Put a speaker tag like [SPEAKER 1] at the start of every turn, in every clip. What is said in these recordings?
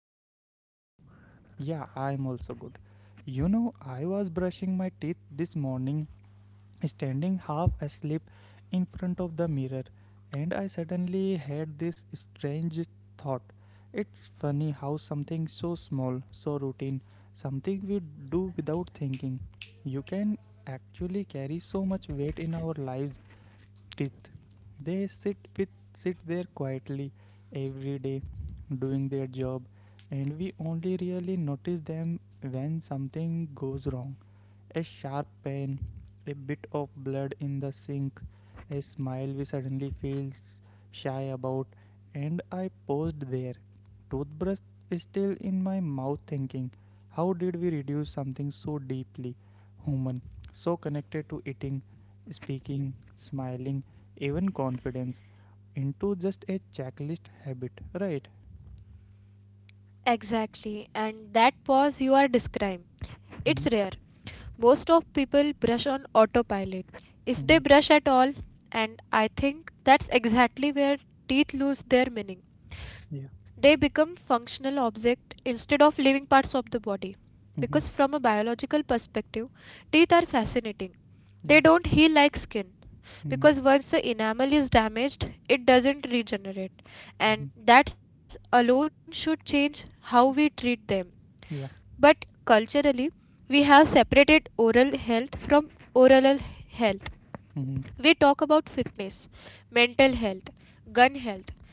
[SPEAKER 1] fine. What about you?
[SPEAKER 2] Yeah, I am also good. You know, I was brushing my teeth this morning standing half asleep in front of the mirror, and I suddenly had this strange thought. It's funny how something so small, so routine, something we do without thinking, you can actually carry so much weight in our lives. Teeth, they sit with sit there quietly every day, doing their job, and we only really notice them when something goes wrong, a sharp pain, a bit of blood in the sink, a smile we suddenly feel shy about, and I paused there. Toothbrush is still in my mouth thinking, how did we reduce something so deeply human, so connected to eating, speaking, smiling, even confidence, into just a checklist habit, right?
[SPEAKER 1] Exactly, and that pause you are describing, it's
[SPEAKER 2] Mm-hmm.
[SPEAKER 1] rare. Most of people brush on autopilot, if they
[SPEAKER 2] Mm-hmm.
[SPEAKER 1] brush at all, and I think that's exactly where teeth lose their meaning.
[SPEAKER 2] Yeah.
[SPEAKER 1] They become functional objects instead of living parts of the body. Because
[SPEAKER 2] Mm-hmm.
[SPEAKER 1] from a biological perspective, teeth are fascinating. They
[SPEAKER 2] Yeah.
[SPEAKER 1] don't heal like skin.
[SPEAKER 2] Mm-hmm.
[SPEAKER 1] Because once the enamel is damaged, it doesn't regenerate, and
[SPEAKER 2] Mm-hmm.
[SPEAKER 1] that alone should change how we treat them.
[SPEAKER 2] Yeah.
[SPEAKER 1] But culturally, we have separated oral health from oral health.
[SPEAKER 2] Mm-hmm.
[SPEAKER 1] We talk about fitness, mental health, gun health,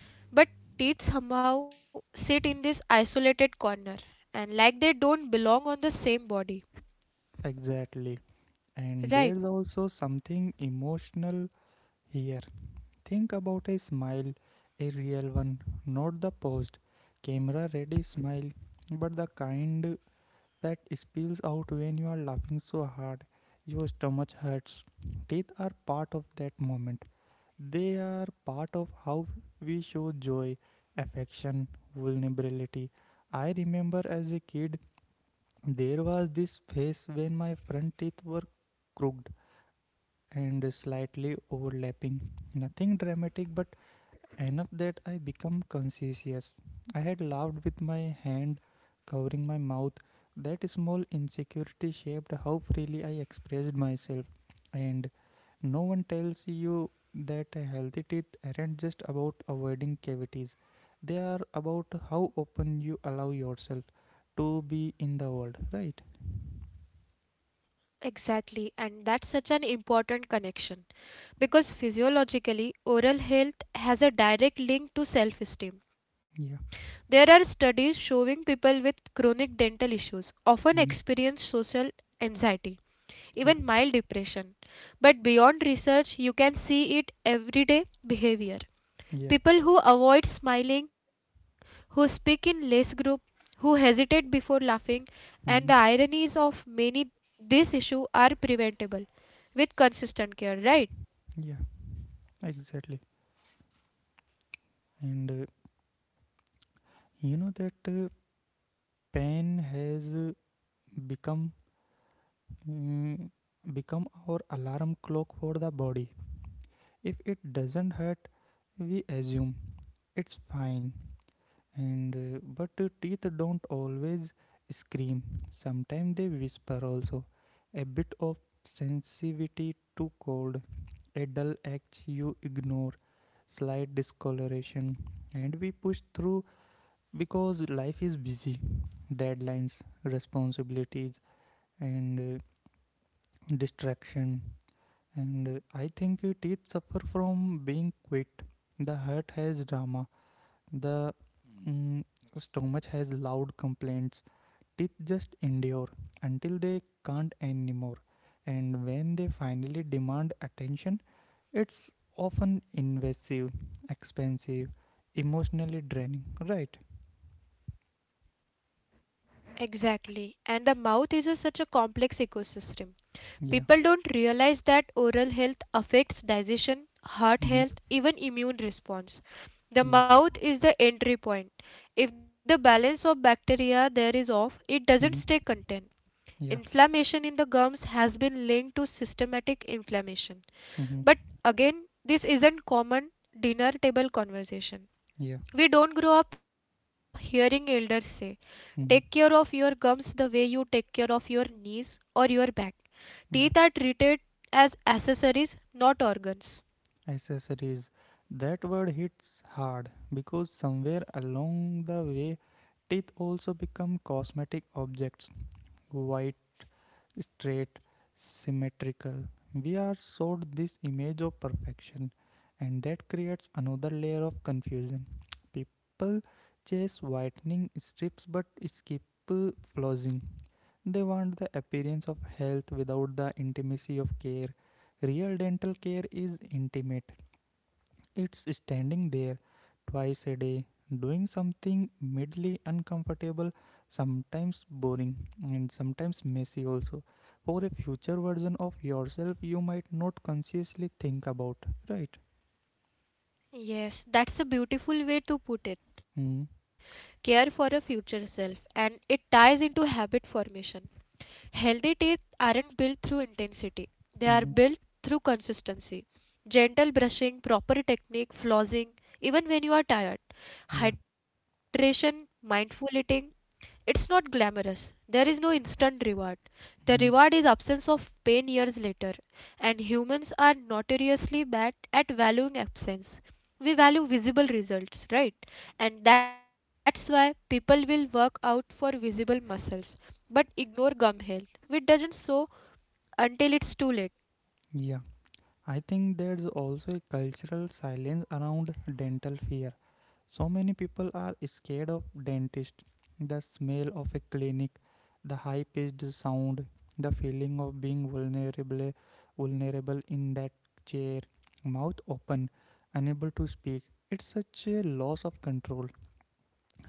[SPEAKER 1] but teeth somehow sit in this isolated corner and like they don't belong on the same body,
[SPEAKER 2] Exactly. And
[SPEAKER 1] right?
[SPEAKER 2] there's also something emotional here. Think about a smile, a real one, not the posed, camera ready smile, but the kind that spills out when you are laughing so hard. Your stomach hurts. Teeth are part of that moment. They are part of how we show joy, affection, vulnerability. I remember as a kid, there was this phase when my front teeth were crooked and slightly overlapping. Nothing dramatic, but enough that I become conscious. I had laughed with my hand covering my mouth. That small insecurity shaped how freely I expressed myself. And no one tells you that healthy teeth aren't just about avoiding cavities, they are about how open you allow yourself to be in the world, right?
[SPEAKER 1] Exactly, and that's such an important connection because physiologically, oral health has a direct link to self
[SPEAKER 2] Yeah.
[SPEAKER 1] esteem. There are studies showing people with chronic dental issues
[SPEAKER 2] Mhm.
[SPEAKER 1] often experience social anxiety,
[SPEAKER 2] Yeah.
[SPEAKER 1] even mild depression. But beyond research, you can see it everyday behavior.
[SPEAKER 2] Yeah.
[SPEAKER 1] People who avoid smiling, who speak in less group, who hesitate before laughing,
[SPEAKER 2] Mhm.
[SPEAKER 1] and the ironies of many this issue are preventable with consistent care, right?
[SPEAKER 2] Yeah. Exactly. And you know that pen has become mm, become our alarm clock for the body. If it doesn't hurt, we assume it's fine. And but teeth don't always scream. Sometimes they whisper also. A bit of sensitivity to cold, a dull edge you ignore, slight discoloration, and we push through because life is busy, deadlines, responsibilities, and distraction, and I think teeth suffer from being quit. The heart has drama the Mm. mm, stomach has loud complaints, teeth just endure until they can't anymore, and when they finally demand attention, it's often invasive, expensive, emotionally draining, right?
[SPEAKER 1] Exactly. And the mouth is such a complex ecosystem.
[SPEAKER 2] Yeah.
[SPEAKER 1] People don't realize that oral health affects digestion, heart
[SPEAKER 2] Hmm.
[SPEAKER 1] health, even immune response.
[SPEAKER 2] Yeah.
[SPEAKER 1] The mouth is the entry point. If the balance of bacteria there is off, it doesn't stay
[SPEAKER 2] Hmm.
[SPEAKER 1] content.
[SPEAKER 2] Yeah.
[SPEAKER 1] Inflammation in the gums has been linked to systematic inflammation.
[SPEAKER 2] Hmm.
[SPEAKER 1] But again, this isn't common dinner table conversation.
[SPEAKER 2] Yeah.
[SPEAKER 1] We don't grow up hearing elders say, take care
[SPEAKER 2] Hmm.
[SPEAKER 1] of your gums the way you take care of your knees or your back. Teeth
[SPEAKER 2] Yeah.
[SPEAKER 1] are treated as accessories, not organs.
[SPEAKER 2] Accessories. That word hits hard because somewhere along the way, teeth also become cosmetic objects. White, straight, symmetrical. We are sold this image of perfection, and that creates another layer of confusion. People chase whitening strips but skip flossing. They want the appearance of health without the intimacy of care. Real dental care is intimate. It's standing there twice a day, doing something mildly uncomfortable, sometimes boring, and sometimes messy also. For a future version of yourself, you might not consciously think about, right?
[SPEAKER 1] Yes, that's a beautiful way to put it.
[SPEAKER 2] Mm-hmm.
[SPEAKER 1] Care for a future self, and it ties into habit formation. Healthy teeth aren't built through intensity, they are
[SPEAKER 2] Mm-hmm.
[SPEAKER 1] built through consistency. Gentle brushing, proper technique, flossing, even when you are tired,
[SPEAKER 2] Yeah.
[SPEAKER 1] hydration, mindful eating, it's not glamorous. There is no instant reward. The reward
[SPEAKER 2] Mm-hmm.
[SPEAKER 1] is absence of pain years later, and humans are notoriously bad at valuing absence. We value visible results, right? And that's why people will work out for visible muscles but ignore gum health, which doesn't show until it's too late.
[SPEAKER 2] Yeah. I think there's also a cultural silence around dental fear. So many people are scared of dentist, the smell of a clinic, the high pitched sound, the feeling of being vulnerable vulnerable in that chair, mouth open, unable to speak. It's such a loss of control.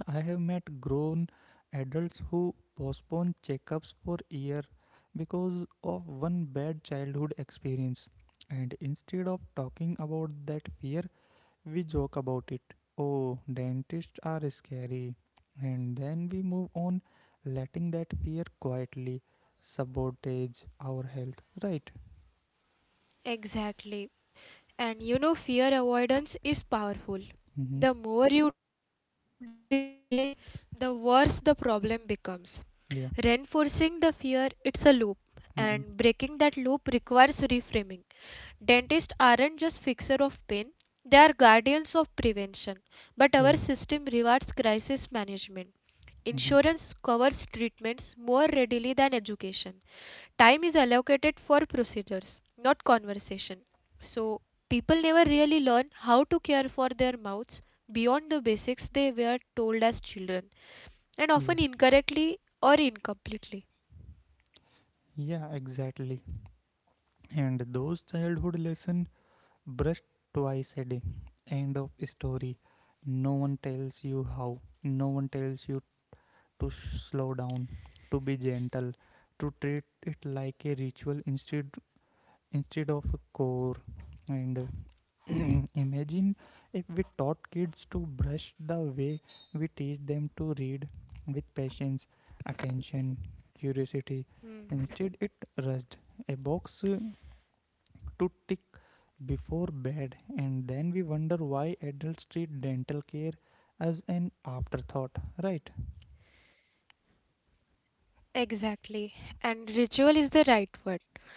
[SPEAKER 2] I have met grown adults who postpone checkups for years because of one bad childhood experience. And instead of talking about that fear, we joke about it. Oh, dentists are scary. And then we move on, letting that fear quietly sabotage our health, right?
[SPEAKER 1] Exactly. And fear avoidance is powerful.
[SPEAKER 2] Mm-hmm.
[SPEAKER 1] The more you delay, the worse the problem becomes. Reinforcing
[SPEAKER 2] Yeah.
[SPEAKER 1] the fear, it's a loop, and breaking
[SPEAKER 2] Mm-hmm.
[SPEAKER 1] that loop requires reframing. Dentists aren't just fixers of pain, they are guardians of prevention. But
[SPEAKER 2] Yeah.
[SPEAKER 1] our system rewards crisis management.
[SPEAKER 2] Mm-hmm.
[SPEAKER 1] Insurance covers treatments more readily than education. Time is allocated for procedures, not conversation. So, people never really learn how to care for their mouths beyond the basics they were told as children,
[SPEAKER 2] Yeah.
[SPEAKER 1] and often incorrectly or incompletely.
[SPEAKER 2] Yeah, exactly. And those childhood lessons, brush twice a day. End of story. No one tells you how. No one tells you to slow down, to be gentle, to treat it like a ritual instead instead of a chore. And imagine if we taught kids to brush the way we teach them to read, with patience, attention, curiosity. Instead,
[SPEAKER 1] Hmm.
[SPEAKER 2] it rushed. A box to tick before bed, and then we wonder why adults treat dental care as an afterthought, right?
[SPEAKER 1] Exactly. And ritual is the right word.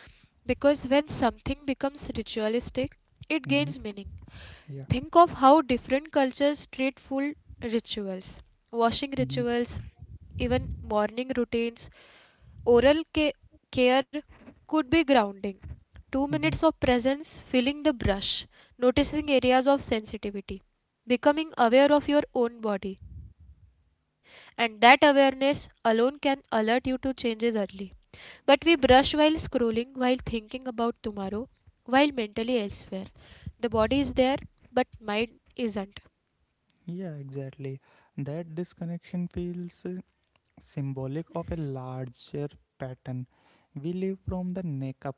[SPEAKER 1] Because when something becomes ritualistic,
[SPEAKER 2] Mm-hmm.
[SPEAKER 1] it gains meaning.
[SPEAKER 2] Yeah.
[SPEAKER 1] Think of how different cultures treat food rituals,
[SPEAKER 2] Mm-hmm.
[SPEAKER 1] washing rituals, even morning routines. Oral care could be grounding.
[SPEAKER 2] Mm-hmm.
[SPEAKER 1] 2 minutes of presence, feeling the brush, noticing areas of sensitivity, becoming aware of your own body, and that awareness alone can alert you to changes early. But we brush while scrolling, while thinking about tomorrow, while mentally elsewhere. The body is there, but mind isn't.
[SPEAKER 2] Yeah, exactly. That disconnection feels symbolic of a larger pattern. We live from the neck up,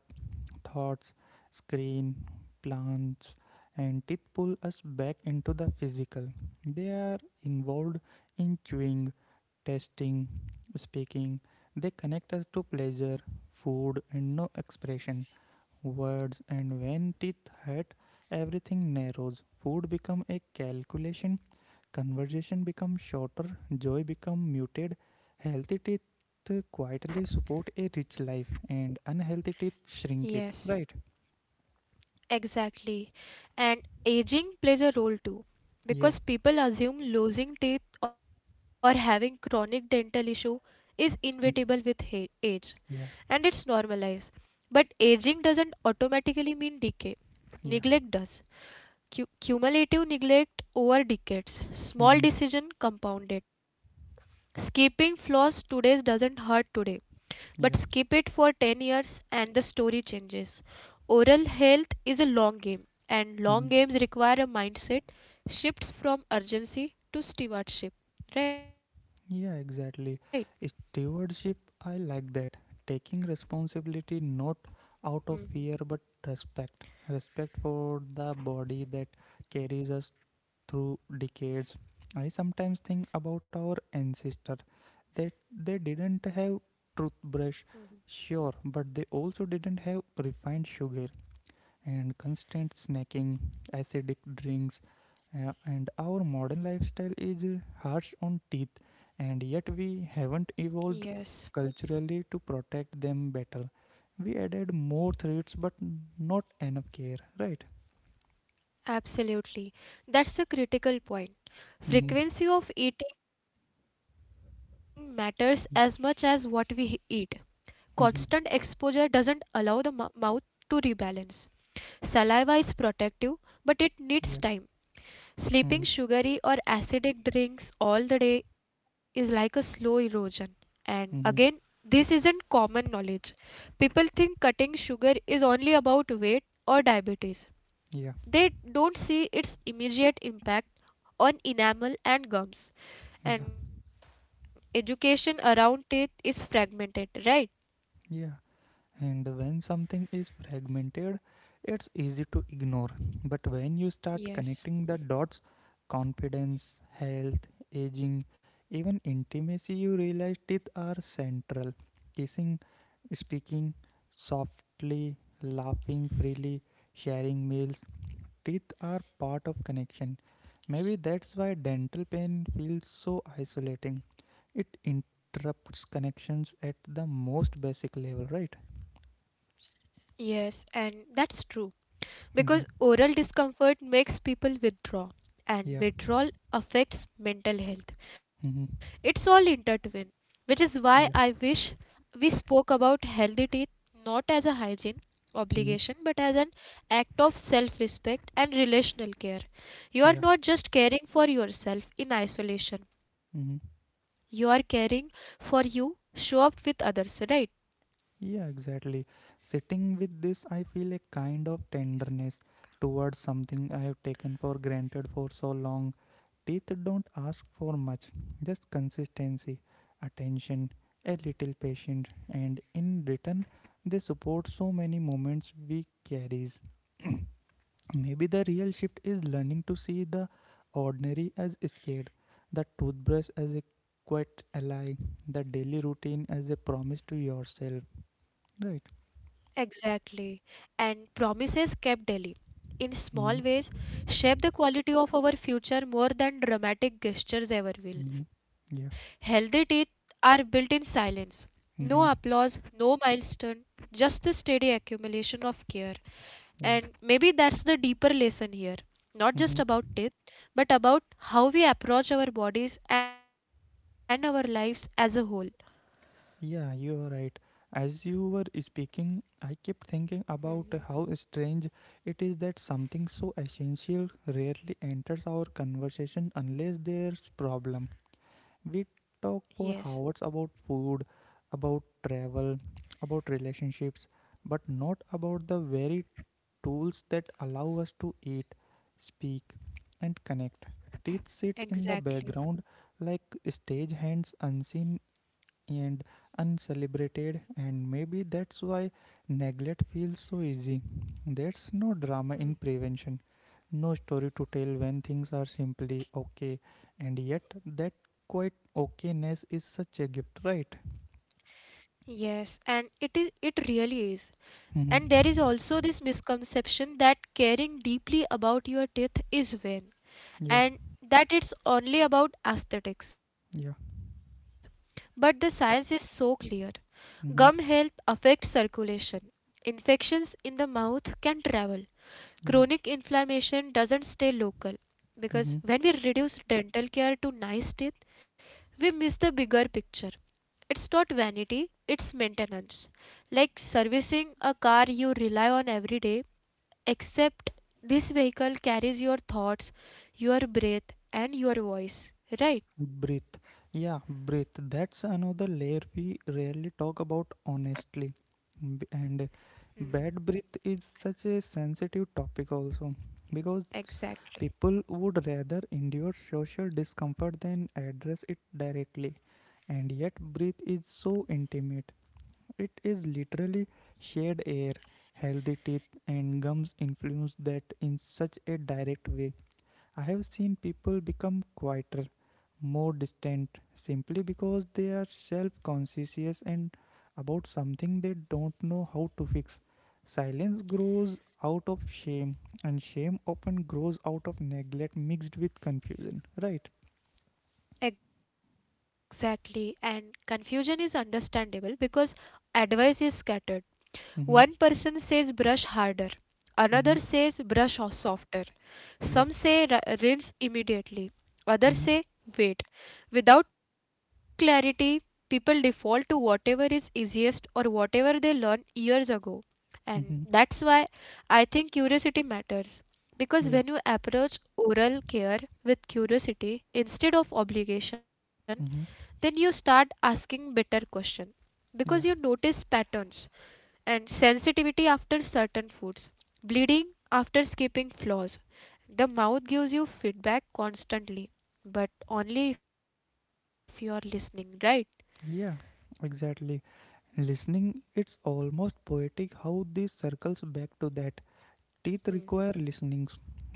[SPEAKER 2] thoughts, screen, plants, and teeth pull us back into the physical. They are involved in chewing, tasting, speaking. They connect us to pleasure, food, and no expression, words, and when teeth hurt, everything narrows. Food become a calculation, conversation becomes shorter, joy become muted, healthy teeth quietly support a rich life and unhealthy teeth shrink it, right?
[SPEAKER 1] Yes, exactly. And aging plays a role
[SPEAKER 2] Yeah.
[SPEAKER 1] too, because people assume losing teeth or having chronic dental issue is
[SPEAKER 2] Mm.
[SPEAKER 1] inevitable with age,
[SPEAKER 2] Yeah.
[SPEAKER 1] and it's normalized. But aging doesn't automatically mean decay.
[SPEAKER 2] Yeah.
[SPEAKER 1] Neglect does. Cumulative neglect over decades.
[SPEAKER 2] Mm-hmm.
[SPEAKER 1] Small decision compounded. Skipping floss today doesn't hurt today,
[SPEAKER 2] Yeah.
[SPEAKER 1] but skip it for 10 years and the story changes. Oral health is a long game,
[SPEAKER 2] Mm-hmm.
[SPEAKER 1] and long games require a mindset shifts from urgency to stewardship. Right?
[SPEAKER 2] Yeah, exactly. Stewardship, I like that. Taking responsibility not out of fear but respect. Respect for the body that carries us through decades. I sometimes think about our ancestor that they didn't have toothbrush, sure, but they also didn't have refined sugar and constant snacking, acidic drinks, and our modern lifestyle is harsh on teeth, and yet we haven't evolved
[SPEAKER 1] Yes,
[SPEAKER 2] culturally to protect them better. We added more threats, but not enough care, right?
[SPEAKER 1] absolutely. That's a critical
[SPEAKER 2] Mm-hmm.
[SPEAKER 1] point. Frequency of eating matters as much as
[SPEAKER 2] Yeah.
[SPEAKER 1] what we eat. Constant
[SPEAKER 2] Mm-hmm.
[SPEAKER 1] exposure doesn't allow the mouth to rebalance. Saliva is protective, but it
[SPEAKER 2] Yeah.
[SPEAKER 1] needs time.
[SPEAKER 2] Mm-hmm.
[SPEAKER 1] Sleeping sugary or acidic drinks all the day is like a slow erosion. And
[SPEAKER 2] Mm-hmm.
[SPEAKER 1] again, this isn't common knowledge. People think cutting sugar is only about weight or diabetes.
[SPEAKER 2] Yeah.
[SPEAKER 1] They don't see its immediate impact on enamel and
[SPEAKER 2] Yeah.
[SPEAKER 1] gums. And education around teeth is fragmented, right?
[SPEAKER 2] Yeah. And when something is fragmented, it's easy to ignore. But when you start connecting the dots,
[SPEAKER 1] Yes.
[SPEAKER 2] confidence, health, aging, even intimacy, you realize teeth are central. Kissing, speaking softly, laughing freely, sharing meals, teeth are part of connection. Maybe that's why dental pain feels so isolating. It interrupts connections at the most basic level, right?
[SPEAKER 1] Yes, and that's true
[SPEAKER 2] Mhm.
[SPEAKER 1] because oral discomfort makes people withdraw,
[SPEAKER 2] Yeah.
[SPEAKER 1] and withdrawal affects mental health.
[SPEAKER 2] Mm-hmm.
[SPEAKER 1] It's all intertwined, which is
[SPEAKER 2] Yeah.
[SPEAKER 1] why I wish we spoke about healthy teeth not as a hygiene
[SPEAKER 2] Mm-hmm.
[SPEAKER 1] obligation but as an act of self respect and relational care.
[SPEAKER 2] Yeah.
[SPEAKER 1] You are not just caring for yourself in isolation,
[SPEAKER 2] Mm-hmm.
[SPEAKER 1] you are caring for you, show up with others, right?
[SPEAKER 2] Yeah, exactly. Sitting with this, I feel a kind of tenderness towards something I have taken for granted for so long. Teeth don't ask for much, just consistency, attention, a little patience, and in return, they support so many moments we carries. Maybe the real shift is learning to see the ordinary as scared, the toothbrush as a quite ally, the daily routine as a promise to yourself. Right.
[SPEAKER 1] Exactly. And promises kept daily,
[SPEAKER 2] Mm-hmm.
[SPEAKER 1] in small ways, shape the quality of our future more than dramatic
[SPEAKER 2] Mm-hmm.
[SPEAKER 1] gestures ever
[SPEAKER 2] Yeah.
[SPEAKER 1] will. Healthy teeth are built in silence.
[SPEAKER 2] Mm-hmm.
[SPEAKER 1] No applause, no milestone, just the steady accumulation of care.
[SPEAKER 2] Yeah.
[SPEAKER 1] And maybe that's the deeper lesson
[SPEAKER 2] Mm-hmm.
[SPEAKER 1] here. Not just about teeth, but about how we approach our bodies and our lives as a whole.
[SPEAKER 2] Yeah, you are right. As you were speaking, I kept thinking about how
[SPEAKER 1] Mhm.
[SPEAKER 2] strange it is that something so essential rarely enters our conversation unless there's problem. We talk for hours
[SPEAKER 1] Yes,
[SPEAKER 2] about food, about travel, about relationships, but not about the very tools that allow us to eat, speak, and connect. Teeth sit in the background like
[SPEAKER 1] exactly.
[SPEAKER 2] stage hands, unseen and uncelebrated, and maybe that's why neglect feels so easy. There's no drama in prevention,
[SPEAKER 1] Hmm.
[SPEAKER 2] no story to tell when things are simply okay, and yet that quite okayness is such a gift, right?
[SPEAKER 1] Yes, and it really is.
[SPEAKER 2] Mhm.
[SPEAKER 1] And there is also this misconception that caring deeply about your teeth is
[SPEAKER 2] Yeah,
[SPEAKER 1] vain and that it's only about
[SPEAKER 2] yeah,
[SPEAKER 1] aesthetics. But the science is so clear. Gum
[SPEAKER 2] hmm,
[SPEAKER 1] health affects circulation. Infections in the mouth can travel.
[SPEAKER 2] yeah.
[SPEAKER 1] Chronic inflammation doesn't stay local
[SPEAKER 2] Mhm.
[SPEAKER 1] because when we reduce dental care to nice teeth, we miss the bigger picture. It's not vanity, it's maintenance. Like servicing a car you rely on every day, except this vehicle carries your thoughts, your breath, and your voice,
[SPEAKER 2] Breathe.
[SPEAKER 1] right?
[SPEAKER 2] Yeah, breathe. That's another layer we rarely talk about honestly. And bad breath is such a sensitive topic also because people would
[SPEAKER 1] Exactly.
[SPEAKER 2] rather endure social discomfort than address it directly. And yet, breath is so intimate. It is literally shared air, healthy teeth, and gums influence that in such a direct way. I have seen people become quieter, more distant, simply because they are self conscious and about something they don't know how to fix. Silence grows out of shame, and shame often grows out of neglect mixed with confusion, right?
[SPEAKER 1] Exactly, and confusion is understandable because advice is scattered.
[SPEAKER 2] Mm-hmm.
[SPEAKER 1] One person says brush harder,
[SPEAKER 2] Mm-hmm.
[SPEAKER 1] another says brush softer.
[SPEAKER 2] Yeah.
[SPEAKER 1] Some say rinse immediately,
[SPEAKER 2] Mm-hmm.
[SPEAKER 1] others say wait. Without clarity, people default to whatever is easiest or whatever they learned years ago.
[SPEAKER 2] Mm-hmm.
[SPEAKER 1] And that's why I think curiosity matters.
[SPEAKER 2] Yeah.
[SPEAKER 1] Because when you approach oral care with curiosity instead of obligation,
[SPEAKER 2] Mm-hmm.
[SPEAKER 1] then you start asking better questions because you
[SPEAKER 2] Yeah.
[SPEAKER 1] notice patterns and sensitivity after certain foods, bleeding after skipping floors. The mouth gives you feedback constantly, but only if you are listening, right?
[SPEAKER 2] Yeah. Exactly. Listening, it's almost poetic how this circles back to that. Teeth
[SPEAKER 1] Hmm.
[SPEAKER 2] require listening,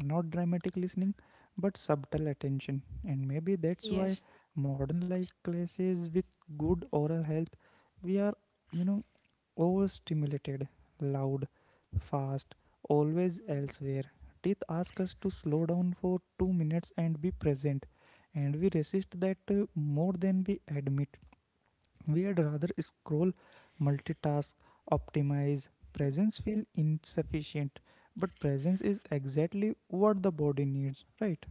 [SPEAKER 2] not dramatic listening, but subtle attention. And maybe that's why
[SPEAKER 1] Yes.
[SPEAKER 2] modern life classes with good oral health, we are, you know, overstimulated, loud, fast, always
[SPEAKER 1] Mm.
[SPEAKER 2] elsewhere. Teeth ask us to slow down for 2 minutes and be present, and we resist that more than we admit. We'd rather scroll, multitask, optimize. Presence feels insufficient, but presence is exactly what the body needs, right?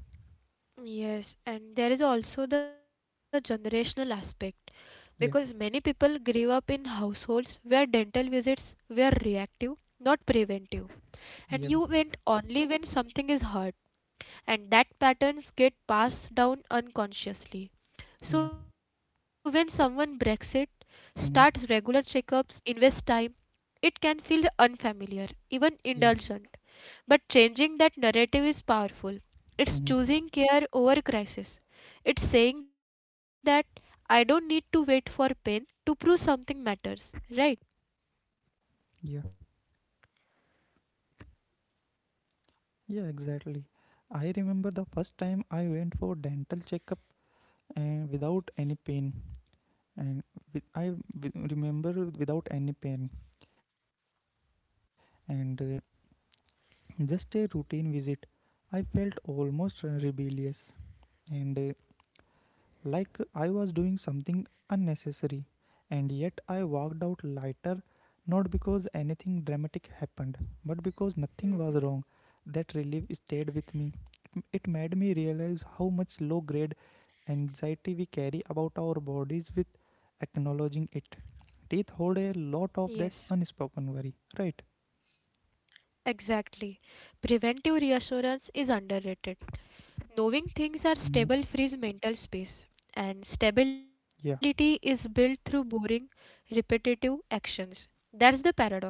[SPEAKER 1] Yes, and there is also the generational aspect because
[SPEAKER 2] Yeah,
[SPEAKER 1] many people grew up in households where dental visits were reactive, not preventive,
[SPEAKER 2] yeah,
[SPEAKER 1] and you went only when something is hurt. And that patterns get passed down unconsciously,
[SPEAKER 2] yeah.
[SPEAKER 1] so when someone breaks it, starts regular
[SPEAKER 2] Mm-hmm.
[SPEAKER 1] checkups, invests time, it can feel unfamiliar, even
[SPEAKER 2] Yeah.
[SPEAKER 1] indulgent. But changing that narrative is powerful. It's
[SPEAKER 2] Mm-hmm.
[SPEAKER 1] choosing care over crisis. It's saying that I don't need to wait for pain
[SPEAKER 2] Yeah.
[SPEAKER 1] to prove something matters, right?
[SPEAKER 2] Yeah, exactly. I remember the first time I went for dental checkup and without any pain and with, I w- remember without any pain and just a routine visit. I felt almost rebellious, and like I was doing something unnecessary, and yet I walked out lighter, not because anything dramatic happened, but because nothing was wrong. That relief stayed with me. It made me realize how much low grade anxiety we carry about our bodies with acknowledging it. Teeth hold a lot of that
[SPEAKER 1] Yes,
[SPEAKER 2] unspoken worry, right?
[SPEAKER 1] exactly. Preventive reassurance is underrated. Knowing things are
[SPEAKER 2] Mhm.
[SPEAKER 1] stable frees mental space, and
[SPEAKER 2] Yeah.
[SPEAKER 1] stability is built through boring, repetitive actions. That's the paradox.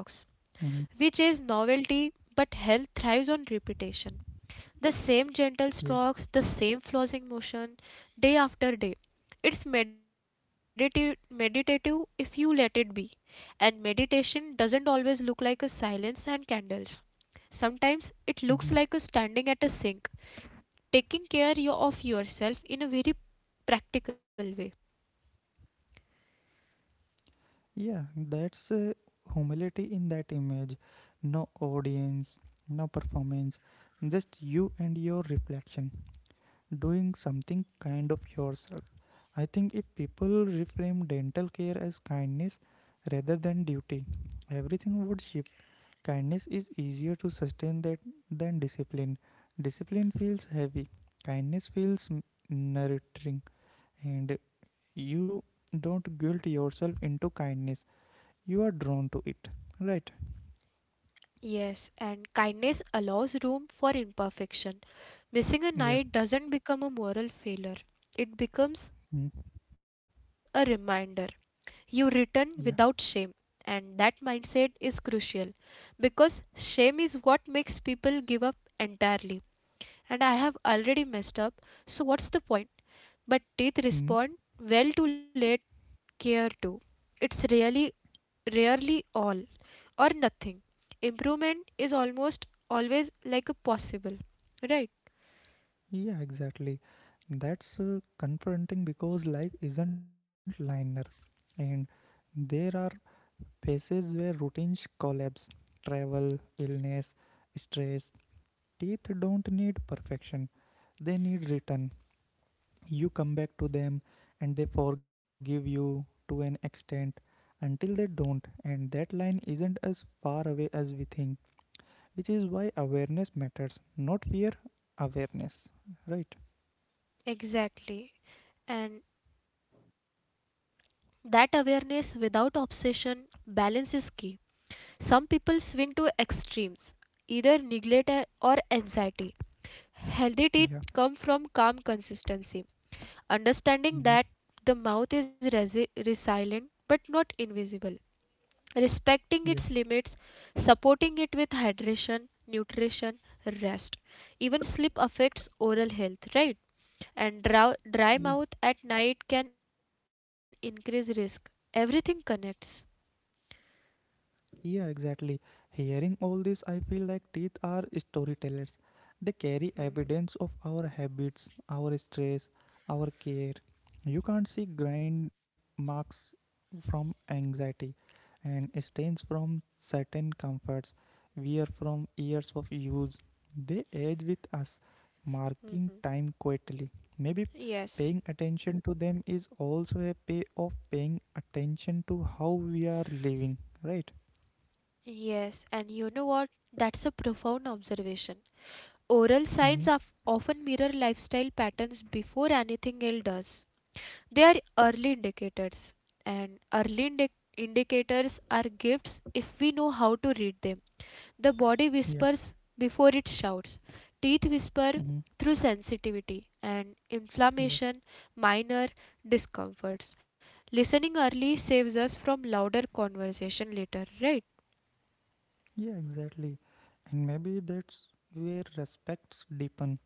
[SPEAKER 2] Mhm.
[SPEAKER 1] We chase novelty, but health thrives on repetition. The same gentle
[SPEAKER 2] Yeah.
[SPEAKER 1] strokes, the same flossing motion, day after day. It's meditative if you let it be. And meditation doesn't always look like a silence and candles. Sometimes it looks like a
[SPEAKER 2] Mhm.
[SPEAKER 1] standing at a sink taking care of yourself in a very practical way.
[SPEAKER 2] Yeah, that's humility in that image. No audience, no performance, just you and your reflection, doing something kind of yourself. I think if people reframe dental care as kindness rather than duty, everything would shift. Kindness is easier to sustain that than discipline. Discipline feels heavy, kindness feels nurturing, and you don't guilt yourself into kindness, you are drawn to it, right?
[SPEAKER 1] Yes, and kindness allows room for imperfection. Missing a
[SPEAKER 2] Yeah.
[SPEAKER 1] night doesn't become a moral failure, it becomes
[SPEAKER 2] Mm.
[SPEAKER 1] a reminder. You return without shame,
[SPEAKER 2] Yeah.
[SPEAKER 1] and that mindset is crucial because shame is what makes people give up entirely. And I have already messed up, so what's the point? But teeth respond
[SPEAKER 2] Mm.
[SPEAKER 1] well to late care too. It's really rarely all or nothing. Improvement is almost always like a possible, right?
[SPEAKER 2] Yeah, exactly. That's confronting because life isn't linear, and there are phases where routines collapse: travel, illness, stress. Teeth don't need perfection, they need return. You come back to them, and they forgive you to an extent, until they don't, and that line isn't as far away as we think, which is why awareness matters, not fear. Awareness, right?
[SPEAKER 1] Exactly. And that awareness without obsession, balance is key. Some people swing to extremes, either neglect or anxiety. Healthy teeth come
[SPEAKER 2] Yeah.
[SPEAKER 1] from calm consistency, understanding that
[SPEAKER 2] Hmm.
[SPEAKER 1] the mouth is resilient but not invisible. Respecting its
[SPEAKER 2] Yeah.
[SPEAKER 1] limits, supporting it with hydration, nutrition, rest. Even sleep affects oral health, right? And dry
[SPEAKER 2] Yeah.
[SPEAKER 1] mouth at night can increase risk. Everything connects.
[SPEAKER 2] Yeah, exactly. Hearing all this, I feel like teeth are storytellers. They carry
[SPEAKER 1] Mhm.
[SPEAKER 2] evidence of our habits, our stress, our care. You can't see grind marks from anxiety and stains from certain comforts, wear from years of use. They age with us, marking time quietly. Maybe paying
[SPEAKER 1] Yes.
[SPEAKER 2] attention to them is also a pay of paying attention to how we are living, right?
[SPEAKER 1] Yes, and you know what? That's a profound observation. Oral
[SPEAKER 2] Mm-hmm.
[SPEAKER 1] signs of often mirror lifestyle patterns before anything else does. They are early indicators, and early indicators are gifts if we know how to read them. The body
[SPEAKER 2] Yeah.
[SPEAKER 1] whispers before it shouts, teeth whisper
[SPEAKER 2] Mm-hmm.
[SPEAKER 1] through sensitivity and
[SPEAKER 2] Yeah.
[SPEAKER 1] inflammation, minor discomforts. Listening early saves us from louder conversation later, right?
[SPEAKER 2] Yeah, exactly. And maybe that's where respects deepen.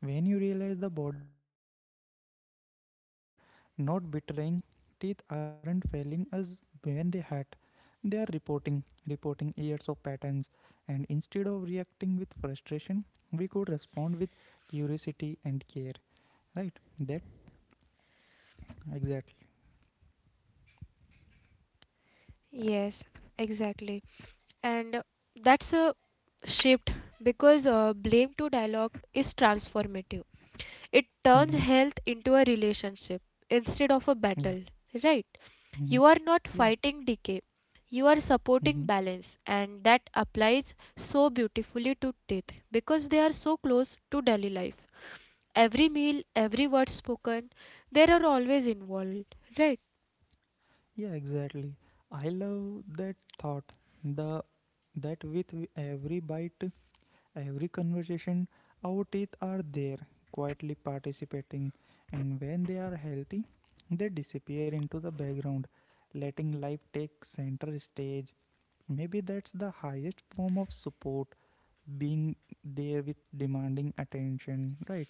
[SPEAKER 2] When you realize the body is always communicating, not betraying, teeth aren't failing us when they hurt. They are reporting, years of patterns. And instead of reacting with frustration, we could respond with curiosity and care. Right? That, exactly.
[SPEAKER 1] Yes, exactly. And that's a shift because blame to dialogue is transformative. It
[SPEAKER 2] Mm-hmm.
[SPEAKER 1] turns health into a relationship instead of a
[SPEAKER 2] Yeah.
[SPEAKER 1] battle, right?
[SPEAKER 2] Mm-hmm.
[SPEAKER 1] You are not
[SPEAKER 2] Yeah.
[SPEAKER 1] fighting decay, you are
[SPEAKER 2] Mm-hmm.
[SPEAKER 1] supporting balance, and that applies so beautifully to teeth because they are so close to daily life. Every meal, every word spoken, they are always involved, right?
[SPEAKER 2] Yeah, exactly. I love that thought. The that with every bite, every conversation, our teeth are there, quietly participating, and when they are healthy, they disappear into the background, letting life take center stage. Maybe that's the highest form of support, being there with demanding attention, right?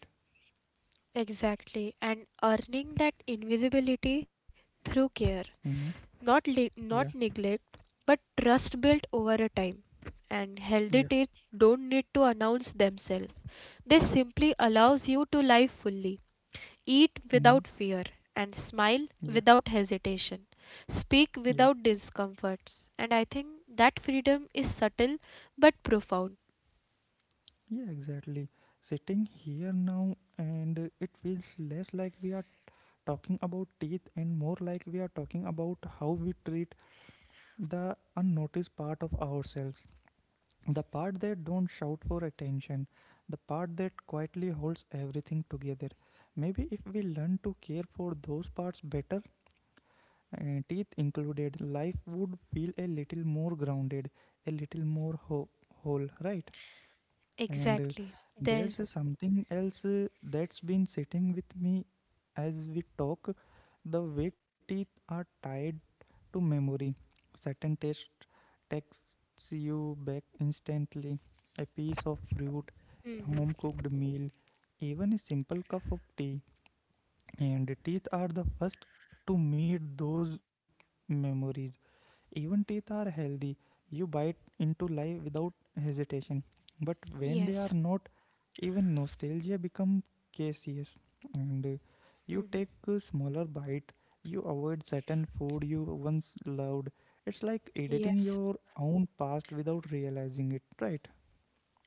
[SPEAKER 1] Exactly, and earning that invisibility through care.
[SPEAKER 2] Mm-hmm.
[SPEAKER 1] Not
[SPEAKER 2] Yeah,
[SPEAKER 1] neglect but trust built over a time, and healthy
[SPEAKER 2] yeah,
[SPEAKER 1] teeth don't need to announce themselves, they simply allows you to live fully, eat
[SPEAKER 2] mm-hmm.
[SPEAKER 1] without fear, and smile
[SPEAKER 2] Yeah,
[SPEAKER 1] without hesitation, speak
[SPEAKER 2] yeah.
[SPEAKER 1] without discomforts. And I think that freedom is subtle but profound.
[SPEAKER 2] Yeah, exactly. Sitting here now, and it feels less like we are talking about teeth and more like we are talking about how we treat the unnoticed part of ourselves. The part that don't shout for attention, the part that quietly holds everything together. Maybe if we learn to care for those parts better, teeth included, life would feel a little more grounded, a little more whole, right? And
[SPEAKER 1] Exactly. There.
[SPEAKER 2] there's something else that's been sitting with me as we talk. The way teeth are tied to memory. Certain taste takes you back instantly. A piece of fruit, a
[SPEAKER 1] Mhm.
[SPEAKER 2] home cooked meal, even a simple cup of tea. And teeth are the first to meet those memories. Even teeth are healthy. You bite into life without hesitation. But when they
[SPEAKER 1] Yes.
[SPEAKER 2] are not, even nostalgia becomes caseous. And you
[SPEAKER 1] Mhm.
[SPEAKER 2] take a smaller bite. You avoid certain food you once loved. It's like editing
[SPEAKER 1] Yes.
[SPEAKER 2] your own past without realizing it, right?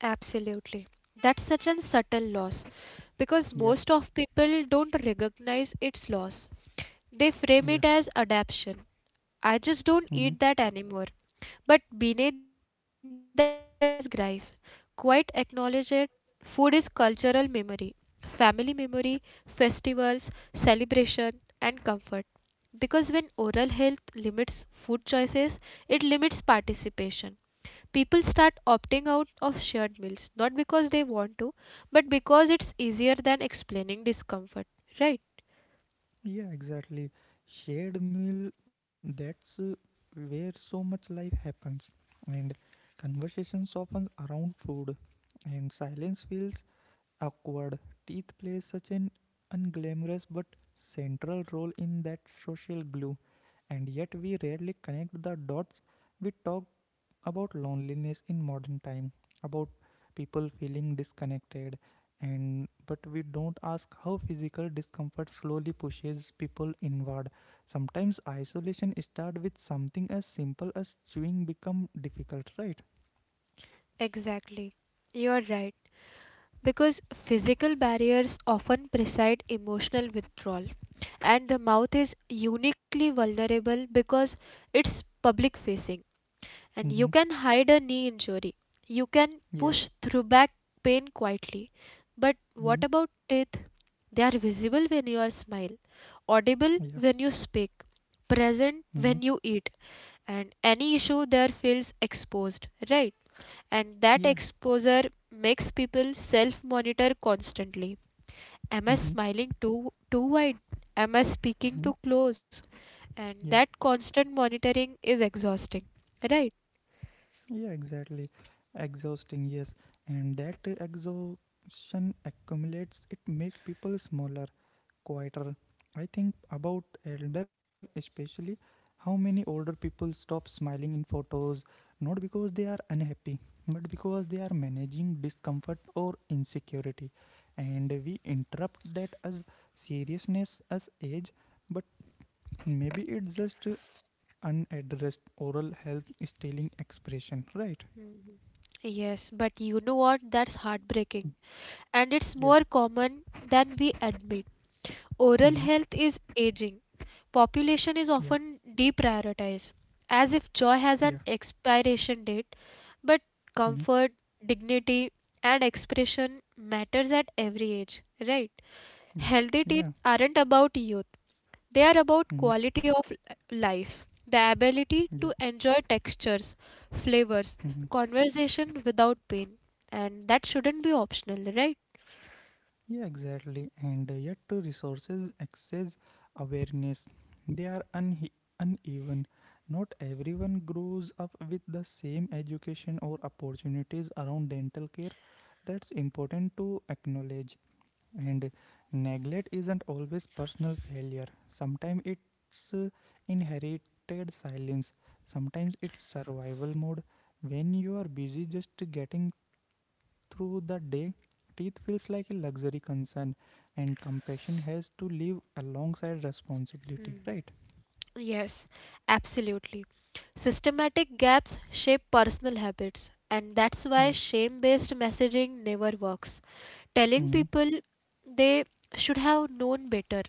[SPEAKER 1] Absolutely. That's such a subtle loss because
[SPEAKER 2] Yeah,
[SPEAKER 1] most of people don't recognize its loss. They
[SPEAKER 2] yeah.
[SPEAKER 1] frame it as adaptation. I just don't
[SPEAKER 2] Mm-hmm.
[SPEAKER 1] eat that anymore. But beneath that is grief. Quite acknowledge it. Food is cultural memory, family memory, festivals, celebration, and comfort. Because when oral health limits food choices, it limits participation, people start opting out of shared meals, not because they want to but because it's easier than explaining discomfort, right?
[SPEAKER 2] Yeah, exactly. Shared meal, that's where so much life happens. And conversations often around food. And silence feels awkward. Teeth plays such an unglamorous but central role in that social glue. And yet we rarely connect the dots. We talk about loneliness in modern time, about people feeling disconnected, and but we don't ask how physical discomfort slowly pushes people inward. Sometimes isolation start with something as simple as chewing become difficult, right?
[SPEAKER 1] Exactly. You're right. Because physical barriers often precede emotional withdrawal, and the mouth is uniquely vulnerable because it's public facing. And you
[SPEAKER 2] Mm-hmm.
[SPEAKER 1] can hide a knee injury. You can
[SPEAKER 2] Yeah.
[SPEAKER 1] push through back pain quietly. But
[SPEAKER 2] Mm-hmm.
[SPEAKER 1] what about teeth? They are visible when you are smile, audible
[SPEAKER 2] Yeah.
[SPEAKER 1] when you speak, present
[SPEAKER 2] Mm-hmm.
[SPEAKER 1] when you eat, and any issue there feels exposed, right? And that
[SPEAKER 2] Yeah.
[SPEAKER 1] exposure makes people self-monitor constantly. Am I
[SPEAKER 2] Mm-hmm.
[SPEAKER 1] smiling too wide? Am I speaking
[SPEAKER 2] Mm-hmm.
[SPEAKER 1] too close? And
[SPEAKER 2] Yeah.
[SPEAKER 1] that constant monitoring is exhausting, right?
[SPEAKER 2] Yeah, exactly. Exhausting, yes. And that exhaustion accumulates, it make people smaller, quieter. I think about elder especially, how many older people stop smiling in photos, not because they are unhappy, but because they are managing discomfort or insecurity. And we interrupt that as seriousness, as age, but maybe it's just unaddressed oral health stealing expression, right?
[SPEAKER 1] Mhm. Yes, but you know what? That's heartbreaking. And it's
[SPEAKER 2] Yeah.
[SPEAKER 1] more common than we admit. Oral
[SPEAKER 2] Mm-hmm.
[SPEAKER 1] health is aging. Population
[SPEAKER 2] Yeah.
[SPEAKER 1] is often deprioritized, as if joy
[SPEAKER 2] Yeah.
[SPEAKER 1] has an expiration date. But
[SPEAKER 2] Mm-hmm.
[SPEAKER 1] comfort, dignity, and expression matters at every age, right?
[SPEAKER 2] Yeah.
[SPEAKER 1] Healthy
[SPEAKER 2] Yeah.
[SPEAKER 1] teeth aren't about youth. They are about
[SPEAKER 2] Mm-hmm.
[SPEAKER 1] quality of life, the ability
[SPEAKER 2] Yeah.
[SPEAKER 1] to enjoy textures, flavors,
[SPEAKER 2] Mm-hmm.
[SPEAKER 1] conversation without pain. And that shouldn't be optional, right?
[SPEAKER 2] Yeah, exactly. And yet, resources, access, awareness, they are unhe uneven. Not everyone grows up with the same education or opportunities around dental care. That's important to acknowledge. And neglect isn't always personal failure. Sometimes it's inherited silence. Sometimes it's survival mode. When you are busy just getting through the day, teeth feels like a luxury concern, and compassion has to live alongside responsibility,
[SPEAKER 1] Hmm.
[SPEAKER 2] right?
[SPEAKER 1] Yes, absolutely. Systematic gaps shape personal habits, and that's why
[SPEAKER 2] Yeah.
[SPEAKER 1] shame based messaging never works. Telling
[SPEAKER 2] Hmm.
[SPEAKER 1] people they should have known better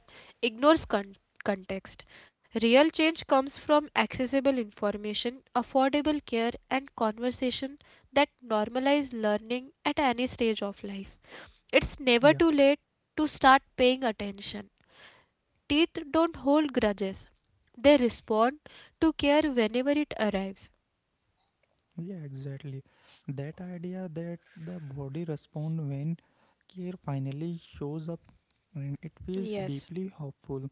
[SPEAKER 1] ignores context. Real change comes from accessible information, affordable care, and conversation that normalize learning at any stage of life. It's never
[SPEAKER 2] Yeah.
[SPEAKER 1] too late to start paying attention. Teeth don't hold grudges, they respond to care whenever it arrives.
[SPEAKER 2] Yeah, exactly. That idea that the body responds when care finally shows up, and it feels
[SPEAKER 1] Yes.
[SPEAKER 2] deeply hopeful.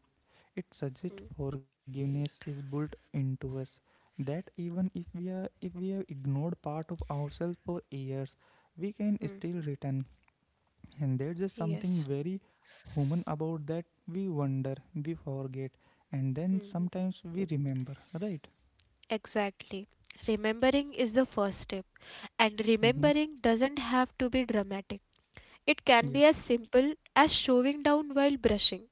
[SPEAKER 2] It suggests forgiveness is built into us, that even if we have ignored part of ourselves for years, we can
[SPEAKER 1] Hmm.
[SPEAKER 2] still return. And there's just something
[SPEAKER 1] Yes.
[SPEAKER 2] very human about that. We wonder, we forget, and then
[SPEAKER 1] Hmm.
[SPEAKER 2] sometimes we remember. Right?
[SPEAKER 1] Exactly. Remembering is the first step, and
[SPEAKER 2] Mm-hmm.
[SPEAKER 1] remembering doesn't have to be dramatic. It can
[SPEAKER 2] Yeah.
[SPEAKER 1] be as simple as showing down while brushing,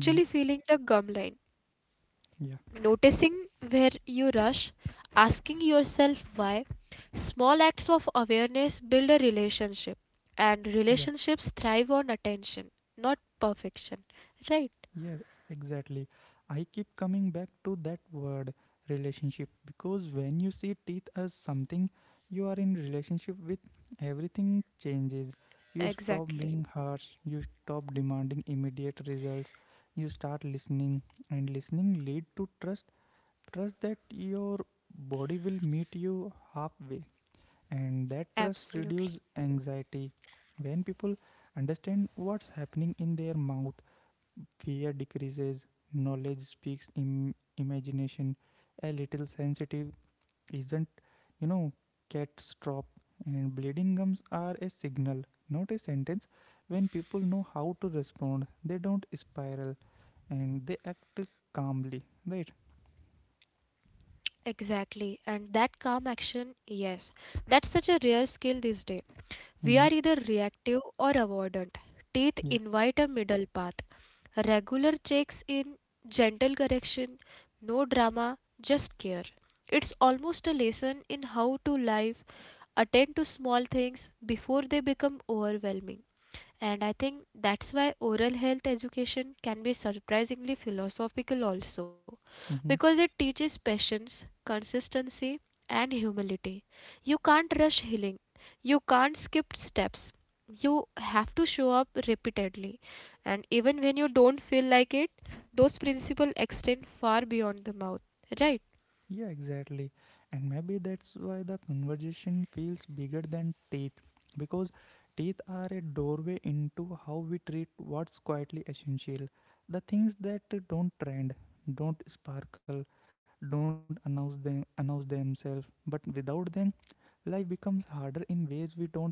[SPEAKER 2] Mm-hmm.
[SPEAKER 1] feeling the gum line,
[SPEAKER 2] Yeah.
[SPEAKER 1] noticing where you rush, asking yourself why. Small acts of awareness build a relationship, and
[SPEAKER 2] Yeah.
[SPEAKER 1] relationships thrive on attention, not perfection. Right?
[SPEAKER 2] Yes, exactly. I keep coming back to that word relationship, because when you see teeth as something you are in relationship with, everything changes. You stop
[SPEAKER 1] Exactly.
[SPEAKER 2] being harsh, you stop demanding immediate results, you start listening, and listening lead to trust. Trust that your body will meet you halfway, and that trust
[SPEAKER 1] Absolutely.
[SPEAKER 2] reduce anxiety. When people understand what's happening in their mouth, fear decreases, knowledge speaks imagination. A little sensitive isn't, you know, cat's drop. And bleeding gums are a signal, not a sentence. When people know how to respond, they don't spiral, and they act calmly, right?
[SPEAKER 1] Exactly, and that calm action, yes, that's such a rare skill these days. We are
[SPEAKER 2] Mm-hmm.
[SPEAKER 1] either reactive or avoidant. Teeth
[SPEAKER 2] Yeah.
[SPEAKER 1] invite a middle path. Regular checks in, gentle correction, no drama, just care. It's almost a lesson in how to live, attend to small things before they become overwhelming. And I think that's why oral health education can be surprisingly philosophical also,
[SPEAKER 2] Mm-hmm.
[SPEAKER 1] because it teaches patience, consistency, and humility. You can't rush healing, you can't skip steps, you have to show up repeatedly. And even when you don't feel like it, those principles extend far beyond the mouth, right?
[SPEAKER 2] Yeah, exactly. And maybe that's why the conversation feels bigger than teeth, because teeth are a doorway into how we treat what's quietly essential. The things that don't trend, don't sparkle, don't announce themselves, but without them life becomes harder in ways we don't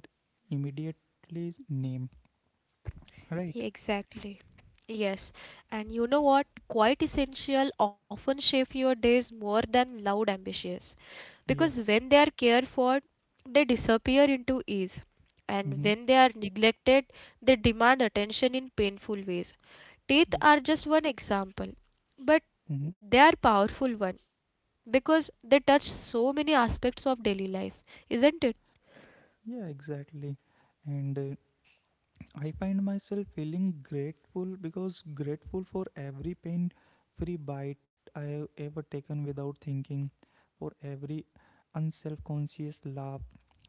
[SPEAKER 2] immediately name. Right?
[SPEAKER 1] Exactly. Yes, and you know what? Quite essential often shape your days more than loud ambitions. Because
[SPEAKER 2] Yes.
[SPEAKER 1] when they are cared for, they disappear into ease, and
[SPEAKER 2] Mhm.
[SPEAKER 1] when they are neglected, they demand attention in painful ways. Teeth
[SPEAKER 2] Yeah.
[SPEAKER 1] are just one example, but
[SPEAKER 2] Mhm.
[SPEAKER 1] they are powerful one because they touch so many aspects of daily life, isn't it?
[SPEAKER 2] Yeah, exactly. And I find myself feeling grateful, because grateful for every pain free bite I have ever taken without thinking, for every unself conscious laugh,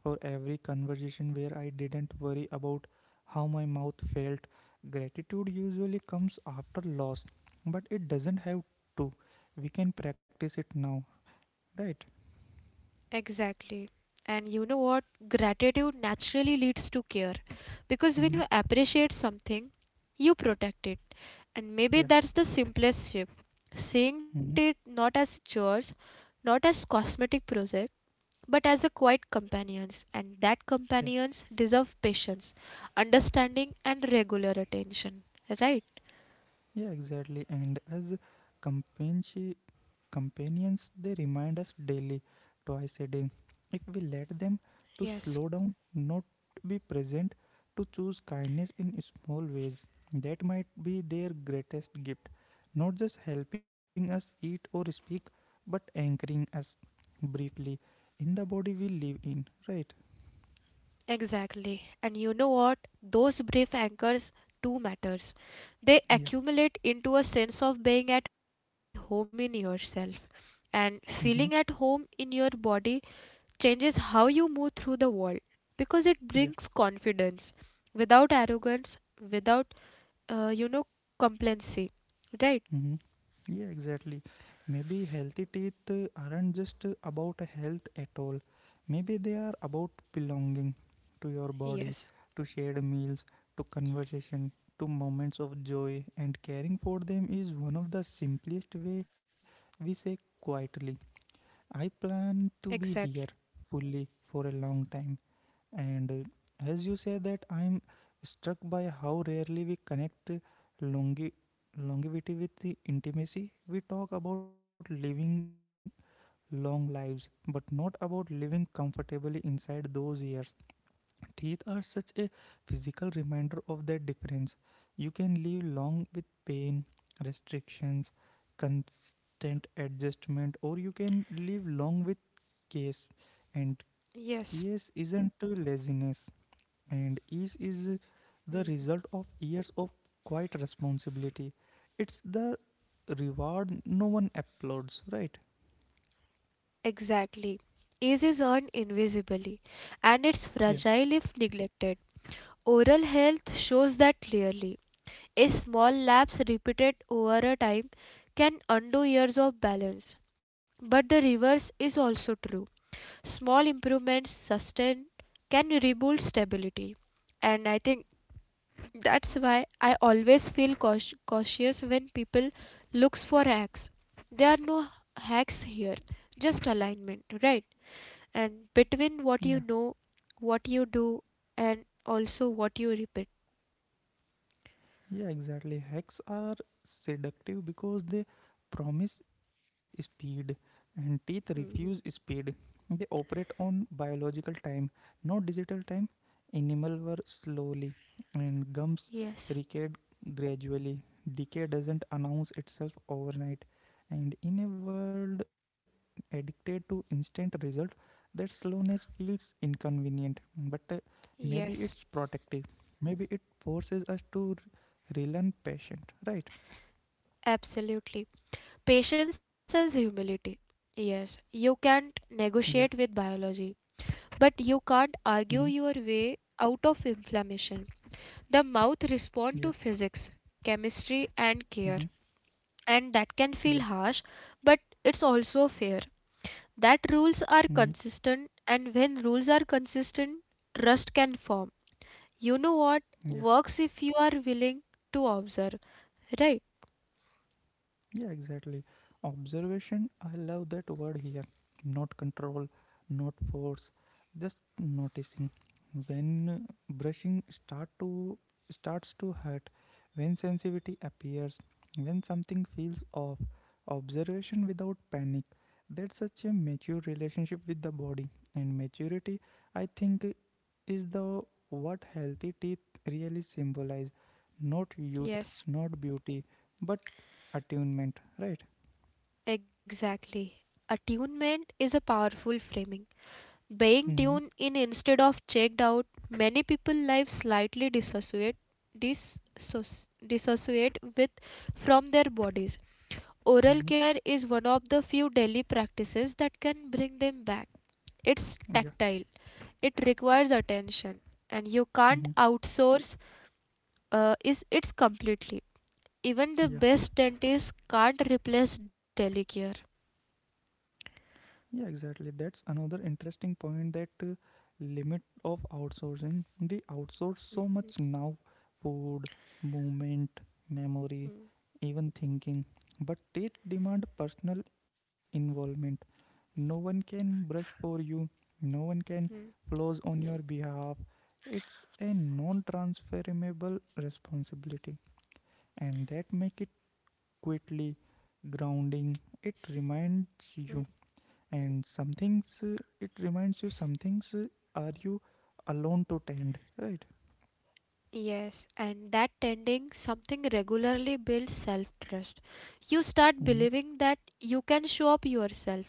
[SPEAKER 2] for every conversation where I didn't worry about how my mouth felt. Gratitude usually comes after loss, but it doesn't have to. We can practice it now, right?
[SPEAKER 1] Exactly. And you know what? Gratitude naturally leads to care because
[SPEAKER 2] Mhm.
[SPEAKER 1] when you appreciate something, you protect it. And maybe
[SPEAKER 2] Yeah.
[SPEAKER 1] that's the simplest shift, seeing teeth
[SPEAKER 2] Mhm.
[SPEAKER 1] not as chores, not as cosmetic project, but as a quiet companions, and that
[SPEAKER 2] Yeah.
[SPEAKER 1] companions deserve patience, understanding, and regular attention. Right?
[SPEAKER 2] Yeah, exactly. And as companionship companions, they remind us daily, twice a day if we let them, to
[SPEAKER 1] Yes.
[SPEAKER 2] slow down, not be present, to choose kindness in small ways. That might be their greatest gift, not just helping us eat or speak, but anchoring us briefly in the body we live in, right?
[SPEAKER 1] Exactly. And you know what? Those brief anchors do matters. They
[SPEAKER 2] Yeah.
[SPEAKER 1] accumulate into a sense of being at home in yourself, and feeling
[SPEAKER 2] Mm-hmm.
[SPEAKER 1] at home in your body changes how you move through the world because it
[SPEAKER 2] Yeah.
[SPEAKER 1] brings confidence without arrogance, without, you know, complacency. Right?
[SPEAKER 2] Hmm. Yeah, exactly. Maybe healthy teeth aren't just about health at all. Maybe they are about belonging to your body,
[SPEAKER 1] Yes,
[SPEAKER 2] to shared meals, to conversation, to moments of joy, and caring for them is one of the simplest way we say quietly, I plan to be here
[SPEAKER 1] exactly.
[SPEAKER 2] fully for a long time. And as you say that, I'm struck by how rarely we connect longevity with the intimacy. We talk about living long lives, but not about living comfortably inside those years. Teeth are such a physical reminder of that difference. You can live long with pain, restrictions, constant adjustment, or you can live long with case. And
[SPEAKER 1] Yes.
[SPEAKER 2] yes isn't to laziness, and ease is the
[SPEAKER 1] Mm.
[SPEAKER 2] result of years of quiet responsibility. It's the reward no one applauds, right?
[SPEAKER 1] Exactly. Ease is earned invisibly, and it's
[SPEAKER 2] Yeah,
[SPEAKER 1] fragile if neglected. Oral health shows that clearly. A small lapse repeated over a time can undo years of balance. But the reverse is also true. Small improvements sustained can rebuild stability, and I think that's why I always feel cautious when people looks for hacks. There are no hacks here, just alignment, right? And between
[SPEAKER 2] yeah.
[SPEAKER 1] what you know, what you do, and also what you repeat.
[SPEAKER 2] Yeah, exactly. Hacks are seductive because they promise speed, and teeth refuse speed. They operate on biological time, not digital time. Enamel wear slowly, and gums
[SPEAKER 1] Yes.
[SPEAKER 2] recede gradually. Decay doesn't announce itself overnight, and in a world addicted to instant result, that slowness feels inconvenient. But maybe it's
[SPEAKER 1] Yes,
[SPEAKER 2] protective. Maybe it forces us to real and patient, right?
[SPEAKER 1] absolutely. Patience and humility, yes. You can't
[SPEAKER 2] Yeah.
[SPEAKER 1] negotiate with biology, but you can't
[SPEAKER 2] Mm-hmm.
[SPEAKER 1] argue your way out of inflammation. The mouth responds
[SPEAKER 2] Yeah.
[SPEAKER 1] to physics, chemistry, and
[SPEAKER 2] Mm-hmm.
[SPEAKER 1] care, and that can
[SPEAKER 2] Yeah.
[SPEAKER 1] feel harsh, but it's also fair. That rules are
[SPEAKER 2] Mm-hmm.
[SPEAKER 1] consistent, and when rules are consistent, trust can form. You know what
[SPEAKER 2] Yeah.
[SPEAKER 1] works if you are willing to observe, right?
[SPEAKER 2] Yeah, exactly. Observation, I love that word here. Not control, not force, just noticing when brushing starts to hurt, when sensitivity appears, when something feels off. Observation without panic, that's such a mature relationship with the body, and maturity, I think, is the what healthy teeth really symbolize. Not youth,
[SPEAKER 1] Yes,
[SPEAKER 2] not beauty, but attunement, right?
[SPEAKER 1] exactly. Attunement is a powerful framing. Being
[SPEAKER 2] Mm-hmm.
[SPEAKER 1] tuned in instead of checked out, many people live slightly dissociate, dissociate with from their bodies. Oral
[SPEAKER 2] Mm-hmm.
[SPEAKER 1] care is one of the few daily practices that can bring them back. It's
[SPEAKER 2] Yeah.
[SPEAKER 1] tactile. It requires attention and you can't
[SPEAKER 2] Mm-hmm.
[SPEAKER 1] outsource, is it's completely. Even the
[SPEAKER 2] Yeah.
[SPEAKER 1] best dentist can't replace daily care.
[SPEAKER 2] Yeah, exactly. That's another interesting point, that limit of outsourcing. We outsource so much now: food, movement, memory, even thinking. But teeth demand personal involvement. No one can brush for you, no one can
[SPEAKER 1] Hmm.
[SPEAKER 2] floss on your behalf. It's a non transferable responsibility, and that make it quickly grounding. It reminds you some things are you alone to tend, right?
[SPEAKER 1] Yes, and that tending something regularly builds self trust. You start
[SPEAKER 2] Hmm.
[SPEAKER 1] believing that you can show up yourself,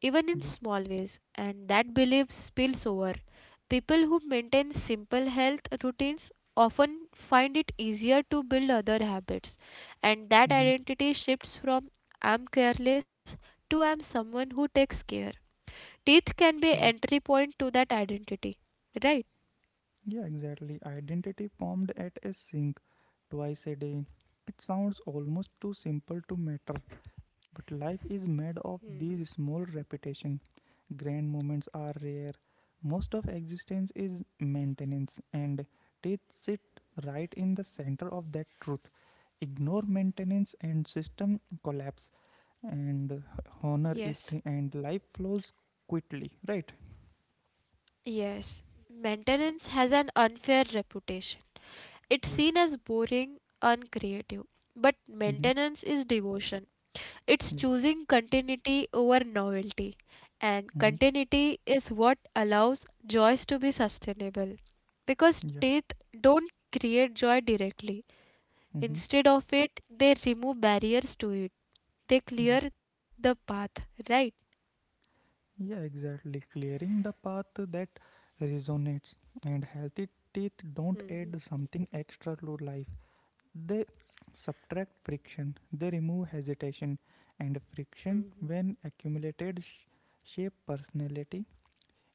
[SPEAKER 1] even
[SPEAKER 2] Yeah.
[SPEAKER 1] in small ways, and that belief spills over. People who maintain simple health routines often find it easier to build other habits, and that
[SPEAKER 2] Mm-hmm.
[SPEAKER 1] identity shifts from I'm careless to I'm someone who takes care. Teeth can be
[SPEAKER 2] Yeah.
[SPEAKER 1] entry point to that identity, right?
[SPEAKER 2] Yeah, exactly. Identity formed at a sink, twice a day. It sounds almost too simple to matter, but life is made of these small repetition. Grand moments are rare, most of existence is maintenance, and teeth sit right in the center of that truth. Ignore maintenance and system collapse, and honor
[SPEAKER 1] Yes.
[SPEAKER 2] it and life flows quickly, right?
[SPEAKER 1] Yes, maintenance has an unfair reputation. It's
[SPEAKER 2] Yeah.
[SPEAKER 1] seen as boring, uncreative. But
[SPEAKER 2] Mm-hmm.
[SPEAKER 1] maintenance is devotion. It's
[SPEAKER 2] Yeah.
[SPEAKER 1] choosing continuity over novelty. And
[SPEAKER 2] Mm-hmm.
[SPEAKER 1] continuity is what allows joys to be sustainable. Because
[SPEAKER 2] Yeah.
[SPEAKER 1] teeth don't create joy directly.
[SPEAKER 2] Mm-hmm.
[SPEAKER 1] Instead of it, they remove barriers to it. They
[SPEAKER 2] Yeah.
[SPEAKER 1] clear the path, right?
[SPEAKER 2] Yeah, exactly. Clearing the path, that resonates. And healthy teeth don't
[SPEAKER 1] Hmm.
[SPEAKER 2] add something extra to life. They subtract friction. They remove hesitation, and friction when accumulated shape personality.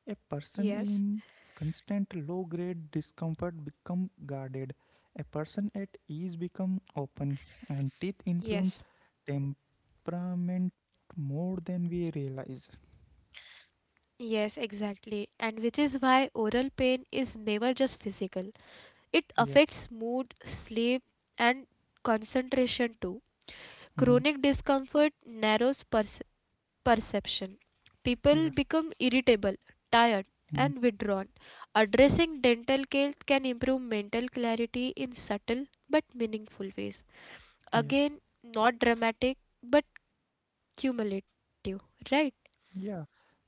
[SPEAKER 2] A person
[SPEAKER 1] Yes,
[SPEAKER 2] in constant low grade discomfort become guarded. A person at ease become open, and teeth influence
[SPEAKER 1] yes.
[SPEAKER 2] temperament more than we realize.
[SPEAKER 1] Yes, exactly. And which is why oral pain is never just physical. It
[SPEAKER 2] Yeah.
[SPEAKER 1] affects mood, sleep, and concentration too.
[SPEAKER 2] Hmm.
[SPEAKER 1] Chronic discomfort narrows perception. People
[SPEAKER 2] Yeah.
[SPEAKER 1] become irritable, tired,
[SPEAKER 2] Mhm.
[SPEAKER 1] and withdrawn. Addressing dental care can improve mental clarity in subtle but meaningful ways.
[SPEAKER 2] Yeah. Yeah.
[SPEAKER 1] Again, not dramatic but cumulative, right?
[SPEAKER 2] Yeah. Yeah.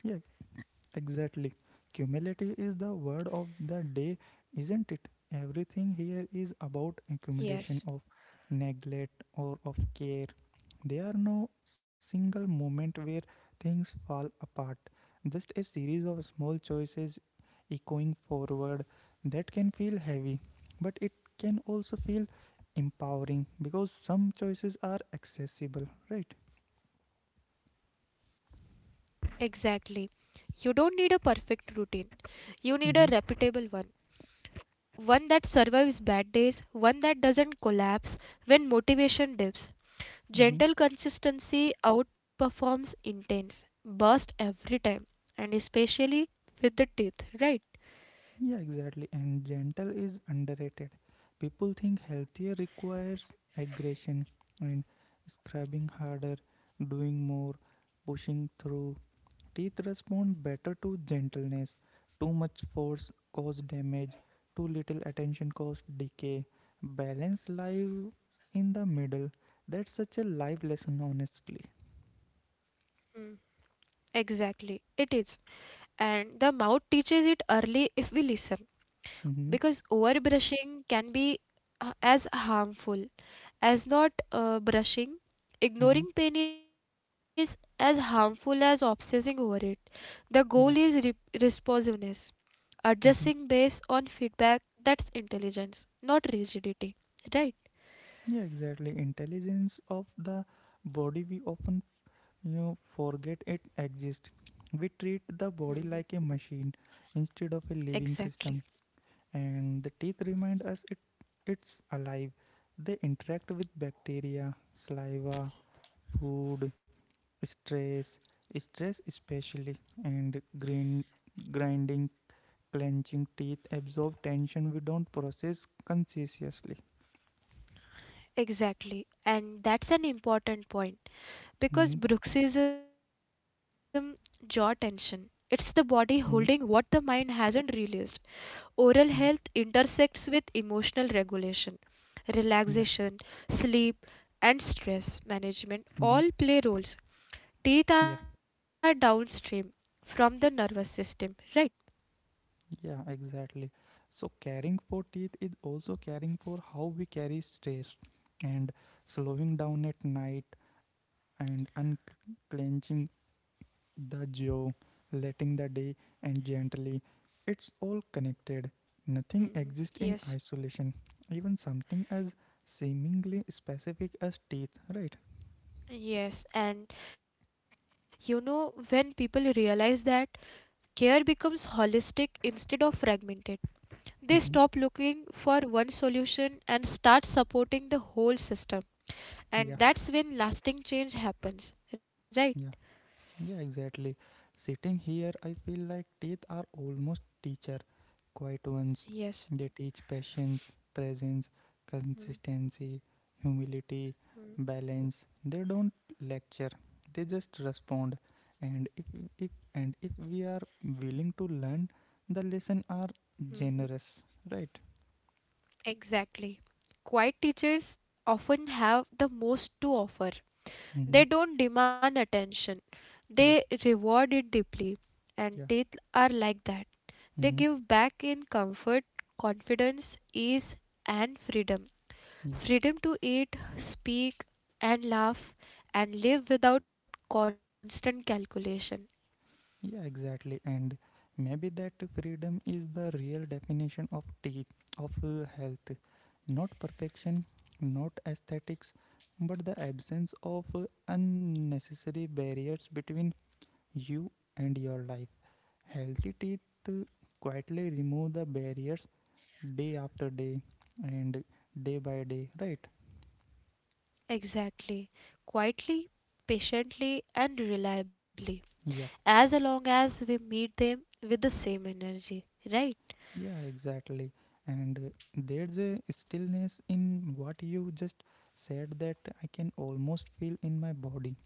[SPEAKER 2] Exactly. Cumulative is the word of the day, isn't it? Everything here is about
[SPEAKER 1] Yes.
[SPEAKER 2] accumulation of neglect or of care. There are no single moment where things fall apart, just a series of small choices echoing forward. That can feel heavy, but it can also feel empowering, because some choices are accessible, right?
[SPEAKER 1] Exactly. You don't need a perfect routine. You need a reputable
[SPEAKER 2] Mm-hmm.
[SPEAKER 1] one. One that survives bad days, one that doesn't collapse when motivation dips. Gentle
[SPEAKER 2] Mm-hmm.
[SPEAKER 1] consistency outperforms intense burst every time, and especially with the teeth, right?
[SPEAKER 2] Yeah, exactly. And gentle is underrated. People think healthier requires aggression and scrubbing harder, doing more, pushing through. Teeth respond better to gentleness. Too much force causes damage, too little attention causes decay. Balance lies in the middle. That's such a life lesson, honestly.
[SPEAKER 1] Mm. Exactly, it is. And the mouth teaches it early if we listen.
[SPEAKER 2] Mm-hmm.
[SPEAKER 1] Because overbrushing can be, as harmful as not brushing.
[SPEAKER 2] Mm-hmm.
[SPEAKER 1] Ignoring pain is as harmful as obsessing over it. The goal is
[SPEAKER 2] Yeah.
[SPEAKER 1] responsiveness, adjusting
[SPEAKER 2] Mm-hmm.
[SPEAKER 1] based on feedback. That's intelligence, not rigidity, right?
[SPEAKER 2] Yeah, exactly. Intelligence of the body, we often you forget it exists. We treat the
[SPEAKER 1] Hmm.
[SPEAKER 2] body like a machine instead of a living
[SPEAKER 1] Exactly.
[SPEAKER 2] system, and the teeth remind us it's alive. They interact with bacteria, saliva, food, stress, stress especially, and grinding, clenching teeth absorb tension we don't process consciously.
[SPEAKER 1] Exactly. And that's an important point because
[SPEAKER 2] Mm-hmm.
[SPEAKER 1] bruxism, jaw tension. It's the body holding what the
[SPEAKER 2] Mm-hmm.
[SPEAKER 1] mind hasn't released. Oral health
[SPEAKER 2] Yeah.
[SPEAKER 1] intersects with emotional regulation,
[SPEAKER 2] Yeah.
[SPEAKER 1] relaxation, sleep, and stress management all
[SPEAKER 2] Mm-hmm.
[SPEAKER 1] play roles. Teeth are
[SPEAKER 2] Yeah.
[SPEAKER 1] downstream from the nervous system, right?
[SPEAKER 2] Yeah, exactly. So, caring for teeth is also caring for how we carry stress and slowing down at night and unclenching the jaw, letting the day and gently. It's all connected. Nothing
[SPEAKER 1] Mhm.
[SPEAKER 2] exists in
[SPEAKER 1] Yes,
[SPEAKER 2] isolation, even something as seemingly specific as teeth, right?
[SPEAKER 1] yes. And you know, when people realize that, care becomes holistic instead of fragmented, they stop
[SPEAKER 2] Mm-hmm.
[SPEAKER 1] looking for one solution and start supporting the whole system. And
[SPEAKER 2] Yeah,
[SPEAKER 1] that's when lasting change happens, right?
[SPEAKER 2] yeah. Yeah, exactly. Sitting here, I feel like teeth are almost teacher, quiet ones. They
[SPEAKER 1] Yes.
[SPEAKER 2] teach patience, presence, consistency, humility, balance. They don't lecture. They just respond. And if if and if we are willing to learn, the lesson are
[SPEAKER 1] Mhm.
[SPEAKER 2] generous, right?
[SPEAKER 1] Exactly. Quiet teachers often have the most to offer.
[SPEAKER 2] Mm-hmm.
[SPEAKER 1] They don't demand attention,
[SPEAKER 2] Yeah,
[SPEAKER 1] they reward it deeply. And
[SPEAKER 2] yeah.
[SPEAKER 1] teeth are like that. They
[SPEAKER 2] Mm-hmm.
[SPEAKER 1] give back in comfort, confidence, ease, and freedom. Freedom to eat, speak, and laugh, and live without constant calculation.
[SPEAKER 2] Yeah, exactly. And maybe that freedom is the real definition of teeth, of health. Not perfection, not aesthetics, but the absence of unnecessary barriers between you and your life. Healthy teeth uh, quietly remove the barriers day after day and day by day, right?
[SPEAKER 1] Exactly. Quietly, patiently, and reliably.
[SPEAKER 2] Yeah.
[SPEAKER 1] As long as we meet them with the same energy, right?
[SPEAKER 2] Yeah, exactly. And there's a stillness in what you just said that I can almost feel in my body,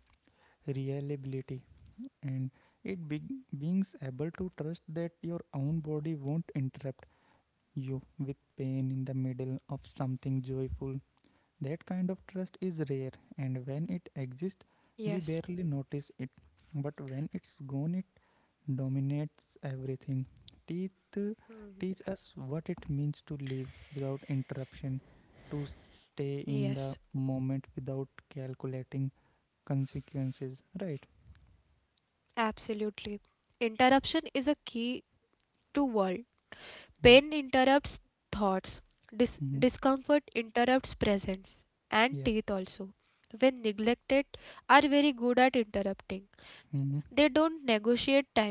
[SPEAKER 2] reliability. And it be- being able to trust that your own body won't interrupt you with pain in the middle of something joyful. That kind of trust is rare, and when it exists, we
[SPEAKER 1] Yes,
[SPEAKER 2] barely notice it. But when it's gone, it dominates everything. Teeth uh, teach us what it means to live without interruption, to stay in
[SPEAKER 1] yes,
[SPEAKER 2] the moment without calculating consequences, right?
[SPEAKER 1] absolutely. Interruption is a key to world.
[SPEAKER 2] Yeah.
[SPEAKER 1] Pain interrupts thoughts,
[SPEAKER 2] Mm-hmm.
[SPEAKER 1] discomfort interrupts presence, and
[SPEAKER 2] Yeah.
[SPEAKER 1] teeth also. When neglected, are very good at interrupting. They
[SPEAKER 2] Mm-hmm.
[SPEAKER 1] don't negotiate timing.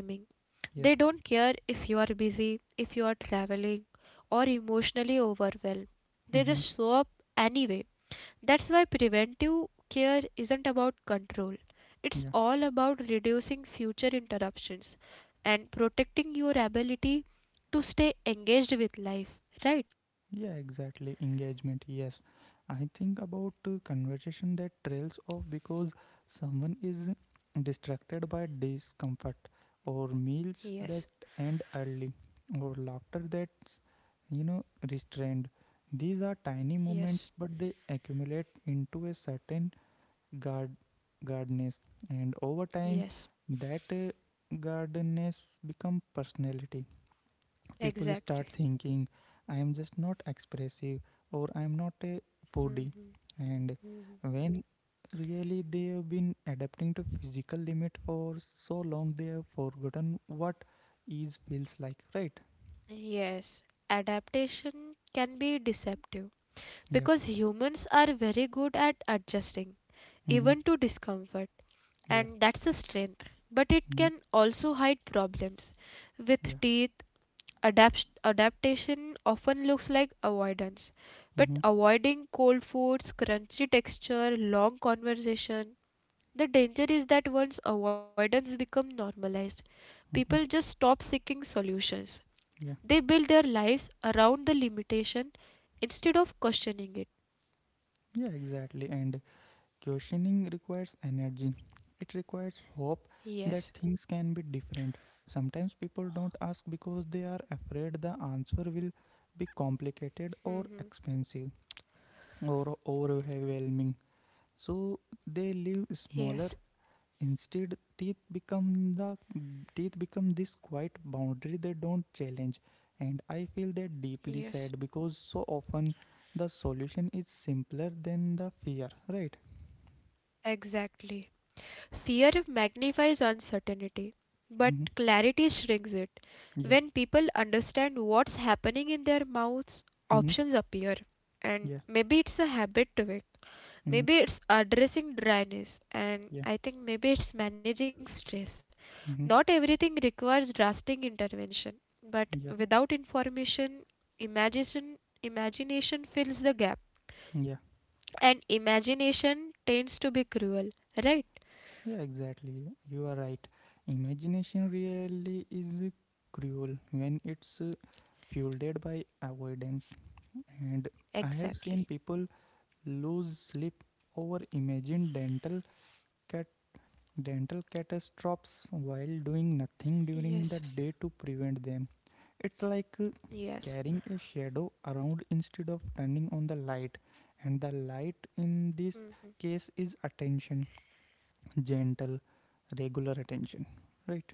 [SPEAKER 1] They
[SPEAKER 2] Yeah.
[SPEAKER 1] don't care if you are busy, if you are traveling, or emotionally overwhelmed. They
[SPEAKER 2] Mm-hmm.
[SPEAKER 1] just show up anyway. That's why preventive care isn't about control. It's
[SPEAKER 2] Yeah.
[SPEAKER 1] all about reducing future interruptions and protecting your ability to stay engaged with life, right?
[SPEAKER 2] Yeah, exactly. Engagement, yes. I think about conversation that trails off because someone is distracted by discomfort, or meals
[SPEAKER 1] Yes,
[SPEAKER 2] that end early, or laughter that's, you know, restrained. These are tiny
[SPEAKER 1] yes,
[SPEAKER 2] moments, but they accumulate into a certain guard, guardness, and over time,
[SPEAKER 1] yes,
[SPEAKER 2] that guardedness become personality people start
[SPEAKER 1] exactly.
[SPEAKER 2] thinking I am just not expressive or I am not a foodie.
[SPEAKER 1] Mhm.
[SPEAKER 2] And when really they have been adapting to physical limit for so long, they have forgotten what ease feels like, right?
[SPEAKER 1] Yes, adaptation can be deceptive
[SPEAKER 2] Yeah.
[SPEAKER 1] because humans are very good at adjusting,
[SPEAKER 2] Mm-hmm.
[SPEAKER 1] even to discomfort,
[SPEAKER 2] Yeah.
[SPEAKER 1] and that's a strength. But it
[SPEAKER 2] Mm-hmm.
[SPEAKER 1] can also hide problems with
[SPEAKER 2] Yeah.
[SPEAKER 1] teeth. Adaptation often looks like avoidance,
[SPEAKER 2] Mm-hmm.
[SPEAKER 1] but avoiding cold foods, crunchy texture, long conversation. The danger is that once avoidance becomes normalized, people
[SPEAKER 2] Mm-hmm.
[SPEAKER 1] just stop seeking solutions.
[SPEAKER 2] Yeah.
[SPEAKER 1] They build their lives around the limitation instead of questioning it.
[SPEAKER 2] Yeah, exactly. And Questioning requires energy. It requires hope that
[SPEAKER 1] Yes.
[SPEAKER 2] things can be different. Sometimes people don't ask because they are afraid the answer will be complicated or
[SPEAKER 1] Hmm.
[SPEAKER 2] expensive or overwhelming. So they live smaller.
[SPEAKER 1] Yes.
[SPEAKER 2] Instead, teeth become the teeth become this quiet boundary they don't challenge. And I feel that deeply
[SPEAKER 1] Yes.
[SPEAKER 2] sad because so often the solution is simpler than the fear, right?
[SPEAKER 1] Exactly. Fear magnifies uncertainty, but
[SPEAKER 2] Mhm.
[SPEAKER 1] clarity shrinks it.
[SPEAKER 2] Yeah.
[SPEAKER 1] When people understand what's happening in their mouths,
[SPEAKER 2] Mhm.
[SPEAKER 1] options appear. And
[SPEAKER 2] Yeah.
[SPEAKER 1] maybe it's a habit tweak,
[SPEAKER 2] Mhm.
[SPEAKER 1] maybe it's addressing dryness, and
[SPEAKER 2] Yeah.
[SPEAKER 1] I think maybe it's managing stress.
[SPEAKER 2] Mhm.
[SPEAKER 1] Not everything requires drastic intervention, but
[SPEAKER 2] Yeah.
[SPEAKER 1] without information, imagination fills the gap,
[SPEAKER 2] Yeah.
[SPEAKER 1] and imagination tends to be cruel, right?
[SPEAKER 2] Yeah, exactly. You are right. Imagination really is cruel when it's fueled by avoidance. And I have seen
[SPEAKER 1] Exactly.
[SPEAKER 2] people lose sleep over imagined cat dental catastrophes while doing nothing
[SPEAKER 1] Yes.
[SPEAKER 2] during the day to prevent them. It's like
[SPEAKER 1] Yes.
[SPEAKER 2] carrying a shadow around instead of turning on the light. And the light in this
[SPEAKER 1] Mhm.
[SPEAKER 2] case is attention, gentle, regular attention, right?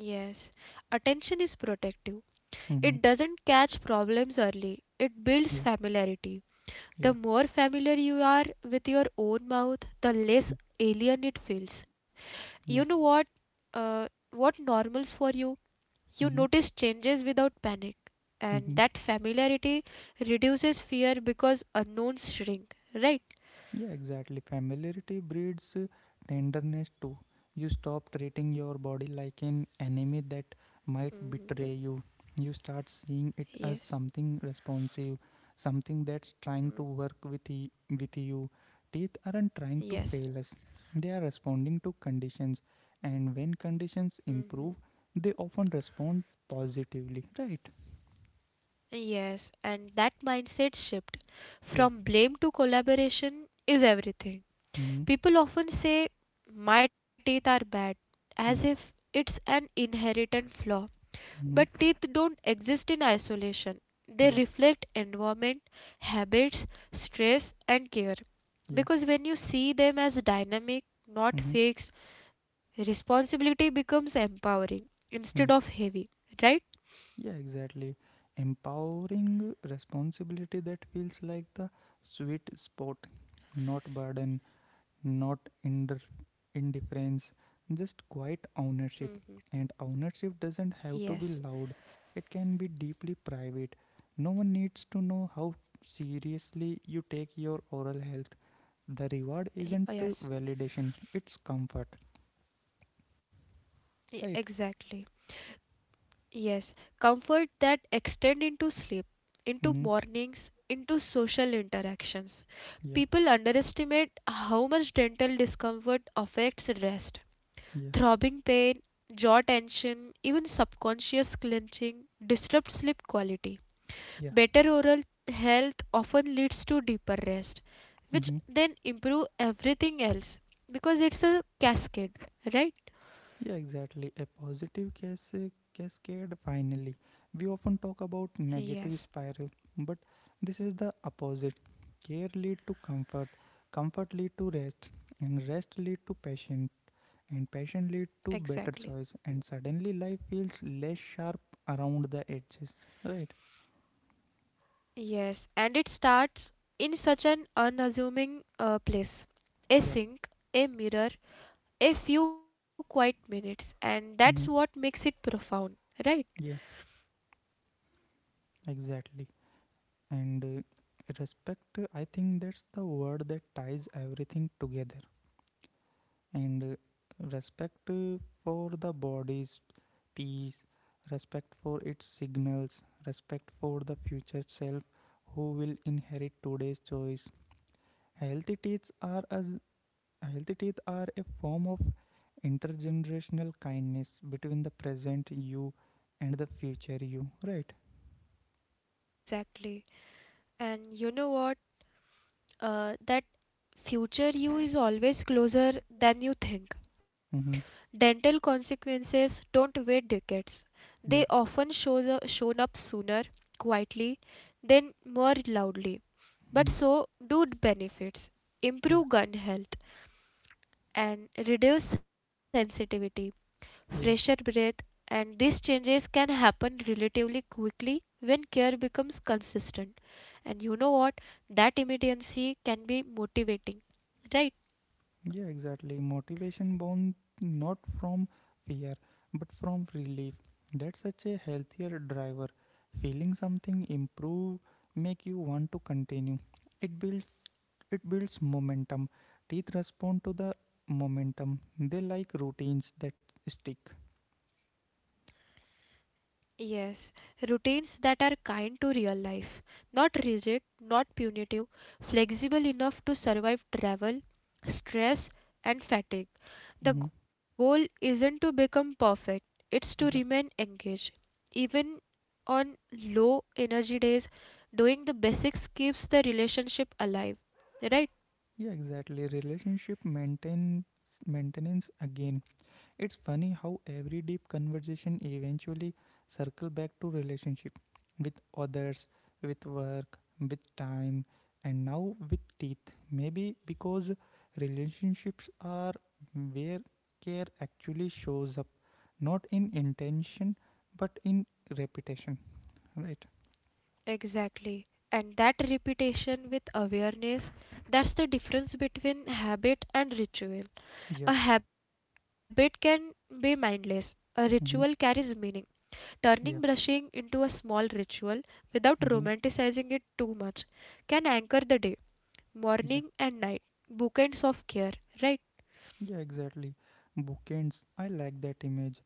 [SPEAKER 1] Yes. Attention is protective.
[SPEAKER 2] Mm-hmm.
[SPEAKER 1] It doesn't catch problems early. It builds
[SPEAKER 2] Yeah,
[SPEAKER 1] familiarity.
[SPEAKER 2] yeah,
[SPEAKER 1] The more familiar you are with your own mouth, the less
[SPEAKER 2] mm,
[SPEAKER 1] alien it feels. You know
[SPEAKER 2] yeah.
[SPEAKER 1] what, what normals for you. You
[SPEAKER 2] Mm-hmm.
[SPEAKER 1] notice changes without panic. And
[SPEAKER 2] Mm-hmm.
[SPEAKER 1] that familiarity reduces fear because unknowns shrink, right?
[SPEAKER 2] Yeah, exactly. Familiarity breeds tenderness too. You stop treating your body like an enemy that might
[SPEAKER 1] Mhm.
[SPEAKER 2] betray you. You start seeing it as
[SPEAKER 1] Yes.
[SPEAKER 2] something responsive, something that's trying to
[SPEAKER 1] Mhm.
[SPEAKER 2] work with, with you. Teeth aren't trying to
[SPEAKER 1] Yes.
[SPEAKER 2] fail us, they are responding to conditions. And when conditions
[SPEAKER 1] Mhm.
[SPEAKER 2] improve, they often respond positively, right?
[SPEAKER 1] Yes, and that mindset shift
[SPEAKER 2] Yeah.
[SPEAKER 1] from blame to collaboration is everything.
[SPEAKER 2] Mm-hmm.
[SPEAKER 1] People often say, "My teeth are bad," as if
[SPEAKER 2] Yeah.
[SPEAKER 1] it's an inherent flaw. But
[SPEAKER 2] Mm-hmm.
[SPEAKER 1] teeth don't exist in isolation, they
[SPEAKER 2] Yeah.
[SPEAKER 1] reflect environment, habits, stress, and care.
[SPEAKER 2] Yeah.
[SPEAKER 1] Because when you see them as dynamic, not
[SPEAKER 2] Mm-hmm.
[SPEAKER 1] fixed, responsibility becomes empowering instead of
[SPEAKER 2] Yeah.
[SPEAKER 1] heavy, right?
[SPEAKER 2] Yeah, exactly. Empowering responsibility that feels like the sweet spot, not burden, not inder- indifference, just quiet ownership.
[SPEAKER 1] Hmm.
[SPEAKER 2] And ownership doesn't have to be
[SPEAKER 1] Yes,
[SPEAKER 2] loud, it can be deeply private. No one needs to know how seriously you take your oral health. The reward isn't
[SPEAKER 1] Yes,
[SPEAKER 2] validation, it's comfort, right?
[SPEAKER 1] Exactly. Yes, comfort that extend into sleep, into
[SPEAKER 2] Mm-hmm.
[SPEAKER 1] mornings, into social interactions.
[SPEAKER 2] Yeah,
[SPEAKER 1] People underestimate how much dental discomfort affects rest.
[SPEAKER 2] yeah,
[SPEAKER 1] Throbbing pain, jaw tension, even subconscious clenching disrupt sleep quality.
[SPEAKER 2] yeah.
[SPEAKER 1] Better oral health often leads to deeper rest, which
[SPEAKER 2] Mm-hmm.
[SPEAKER 1] then improve everything else because it's a cascade, right?
[SPEAKER 2] Yeah, exactly. A cascade finally. We often talk about negative
[SPEAKER 1] Yes,
[SPEAKER 2] spiral, but this is the opposite. Care lead to comfort, comfort lead to rest, and rest lead to passion, and passion lead to
[SPEAKER 1] exactly.
[SPEAKER 2] better choice, and suddenly life feels less sharp around the edges, right?
[SPEAKER 1] Yes, and it starts in such an unassuming place. A
[SPEAKER 2] Yeah.
[SPEAKER 1] sink, a mirror, a few quiet minutes, and that's what
[SPEAKER 2] Mhm.
[SPEAKER 1] makes it profound, right?
[SPEAKER 2] Yeah, exactly. And respect, I think that's the word that ties everything together and respect for the body's peace respect for its signals respect for the future self who will inherit today's choice healthy teeth are a healthy teeth are a form of intergenerational kindness between the present you and the future you right
[SPEAKER 1] Exactly. And you know what? That future you is always closer than you think.
[SPEAKER 2] mm-hmm.
[SPEAKER 1] Dental consequences don't wait decades. They
[SPEAKER 2] Yeah
[SPEAKER 1] often shown up sooner, quietly, then more loudly. But
[SPEAKER 2] mm-hmm.
[SPEAKER 1] so do benefits.
[SPEAKER 2] Yeah
[SPEAKER 1] Improve gun health and reduce sensitivity, fresher
[SPEAKER 2] yeah
[SPEAKER 1] breath, and these changes can happen relatively quickly when care becomes consistent. And you know what? That immediacy can be motivating, right?
[SPEAKER 2] Yeah, exactly. Motivation born not from fear, but from relief. That's such a healthier driver. Feeling something improve make you want to continue. It builds it builds momentum. Teeth respond to the momentum. They like routines that stick.
[SPEAKER 1] Yes, routines that are kind to real life, not rigid, not punitive, flexible enough to survive travel, stress, and fatigue.
[SPEAKER 2] Hmm.
[SPEAKER 1] The goal isn't to become perfect, it's to
[SPEAKER 2] Yeah.
[SPEAKER 1] remain engaged. Even on low energy days, doing the basics keeps the relationship alive. Right?
[SPEAKER 2] Yeah, exactly. Relationship maintains maintenance again. It's funny how every deep conversation eventually circle back to relationship with others, with work, with time, and now with teeth. Maybe because relationships are where care actually shows up, not in intention but in reputation, right?
[SPEAKER 1] Exactly. And that repetition with awareness, that's the difference between habit and ritual.
[SPEAKER 2] Yeah.
[SPEAKER 1] A habit can be mindless, a ritual carries
[SPEAKER 2] Mm-hmm.
[SPEAKER 1] meaning. Turning brushing
[SPEAKER 2] Yeah.
[SPEAKER 1] into a small ritual without
[SPEAKER 2] Mm-hmm.
[SPEAKER 1] romanticizing it too much can anchor the day, morning
[SPEAKER 2] Yeah.
[SPEAKER 1] and night, bookends of care, right?
[SPEAKER 2] Yeah, exactly. Bookends. I like that image.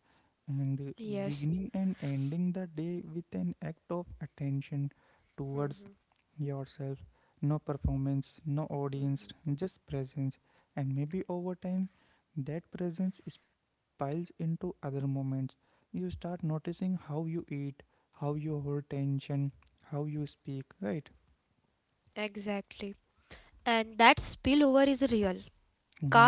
[SPEAKER 2] And
[SPEAKER 1] Yes,
[SPEAKER 2] beginning and ending the day with an act of attention towards yourself. No performance, no audience, just presence. And maybe over time, that presence piles into other moments. You start noticing how you eat, how you hold tension, how you speak, right?
[SPEAKER 1] exactly. And that spillover is real.
[SPEAKER 2] Mm-hmm.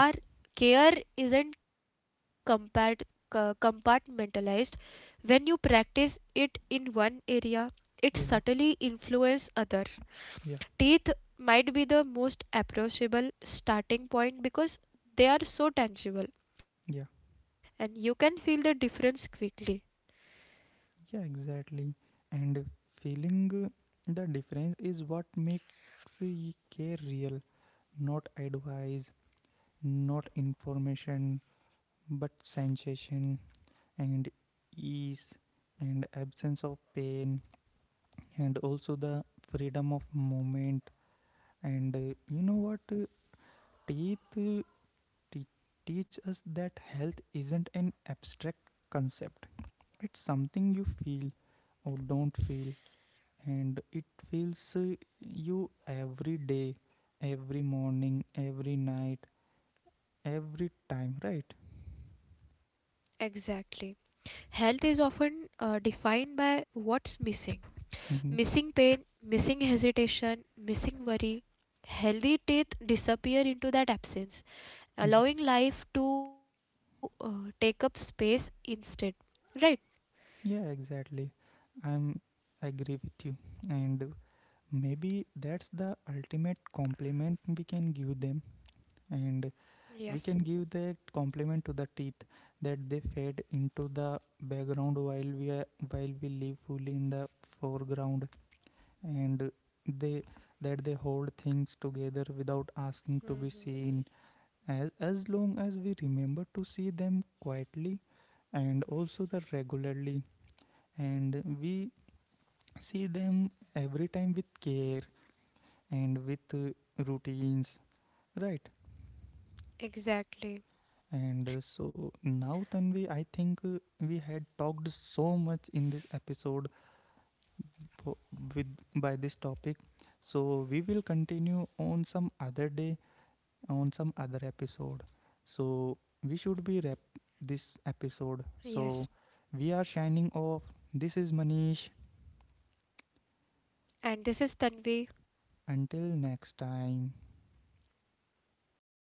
[SPEAKER 1] Car care isn't compartmentalized. When you practice it in one area,
[SPEAKER 2] Yeah,
[SPEAKER 1] it subtly influences other.
[SPEAKER 2] yeah,
[SPEAKER 1] Teeth might be the most approachable starting point because they are so
[SPEAKER 2] yeah.
[SPEAKER 1] tangible and you can feel the difference quickly.
[SPEAKER 2] Yeah, exactly. And feeling the difference is what makes care real, not advice, not information, but sensation and ease and absence of pain and also the freedom of movement. And you know what? Teeth te- teach us that health isn't an abstract concept, it's something you feel or don't feel and it fills you every day, every morning, every night, every time, right?
[SPEAKER 1] Exactly. Health is often defined by what's missing,
[SPEAKER 2] Hmm.
[SPEAKER 1] missing pain, missing hesitation, missing worry. Healthy teeth disappear into that
[SPEAKER 2] Yeah,
[SPEAKER 1] absence, allowing life to take up space instead. Right?
[SPEAKER 2] yeah, exactly. I'm agree with you, and maybe that's the ultimate compliment we can give them, and we can give the
[SPEAKER 1] Yes.
[SPEAKER 2] compliment to the teeth that they fade into the background while we are, while we live fully in the foreground and they that they hold things together without asking to be seen
[SPEAKER 1] Hmm.
[SPEAKER 2] as long as we remember to see them quietly and also the regularly and we see them every time with care and with routines right and
[SPEAKER 1] Exactly.
[SPEAKER 2] so now Tanvi I think we had talked so much in this episode po- with by this topic so we will continue on some other day on some other episode. So we should be wrap this episode.
[SPEAKER 1] Yes.
[SPEAKER 2] So we are shining off. This is Manish.
[SPEAKER 1] And this is Tanvi.
[SPEAKER 2] Until next time.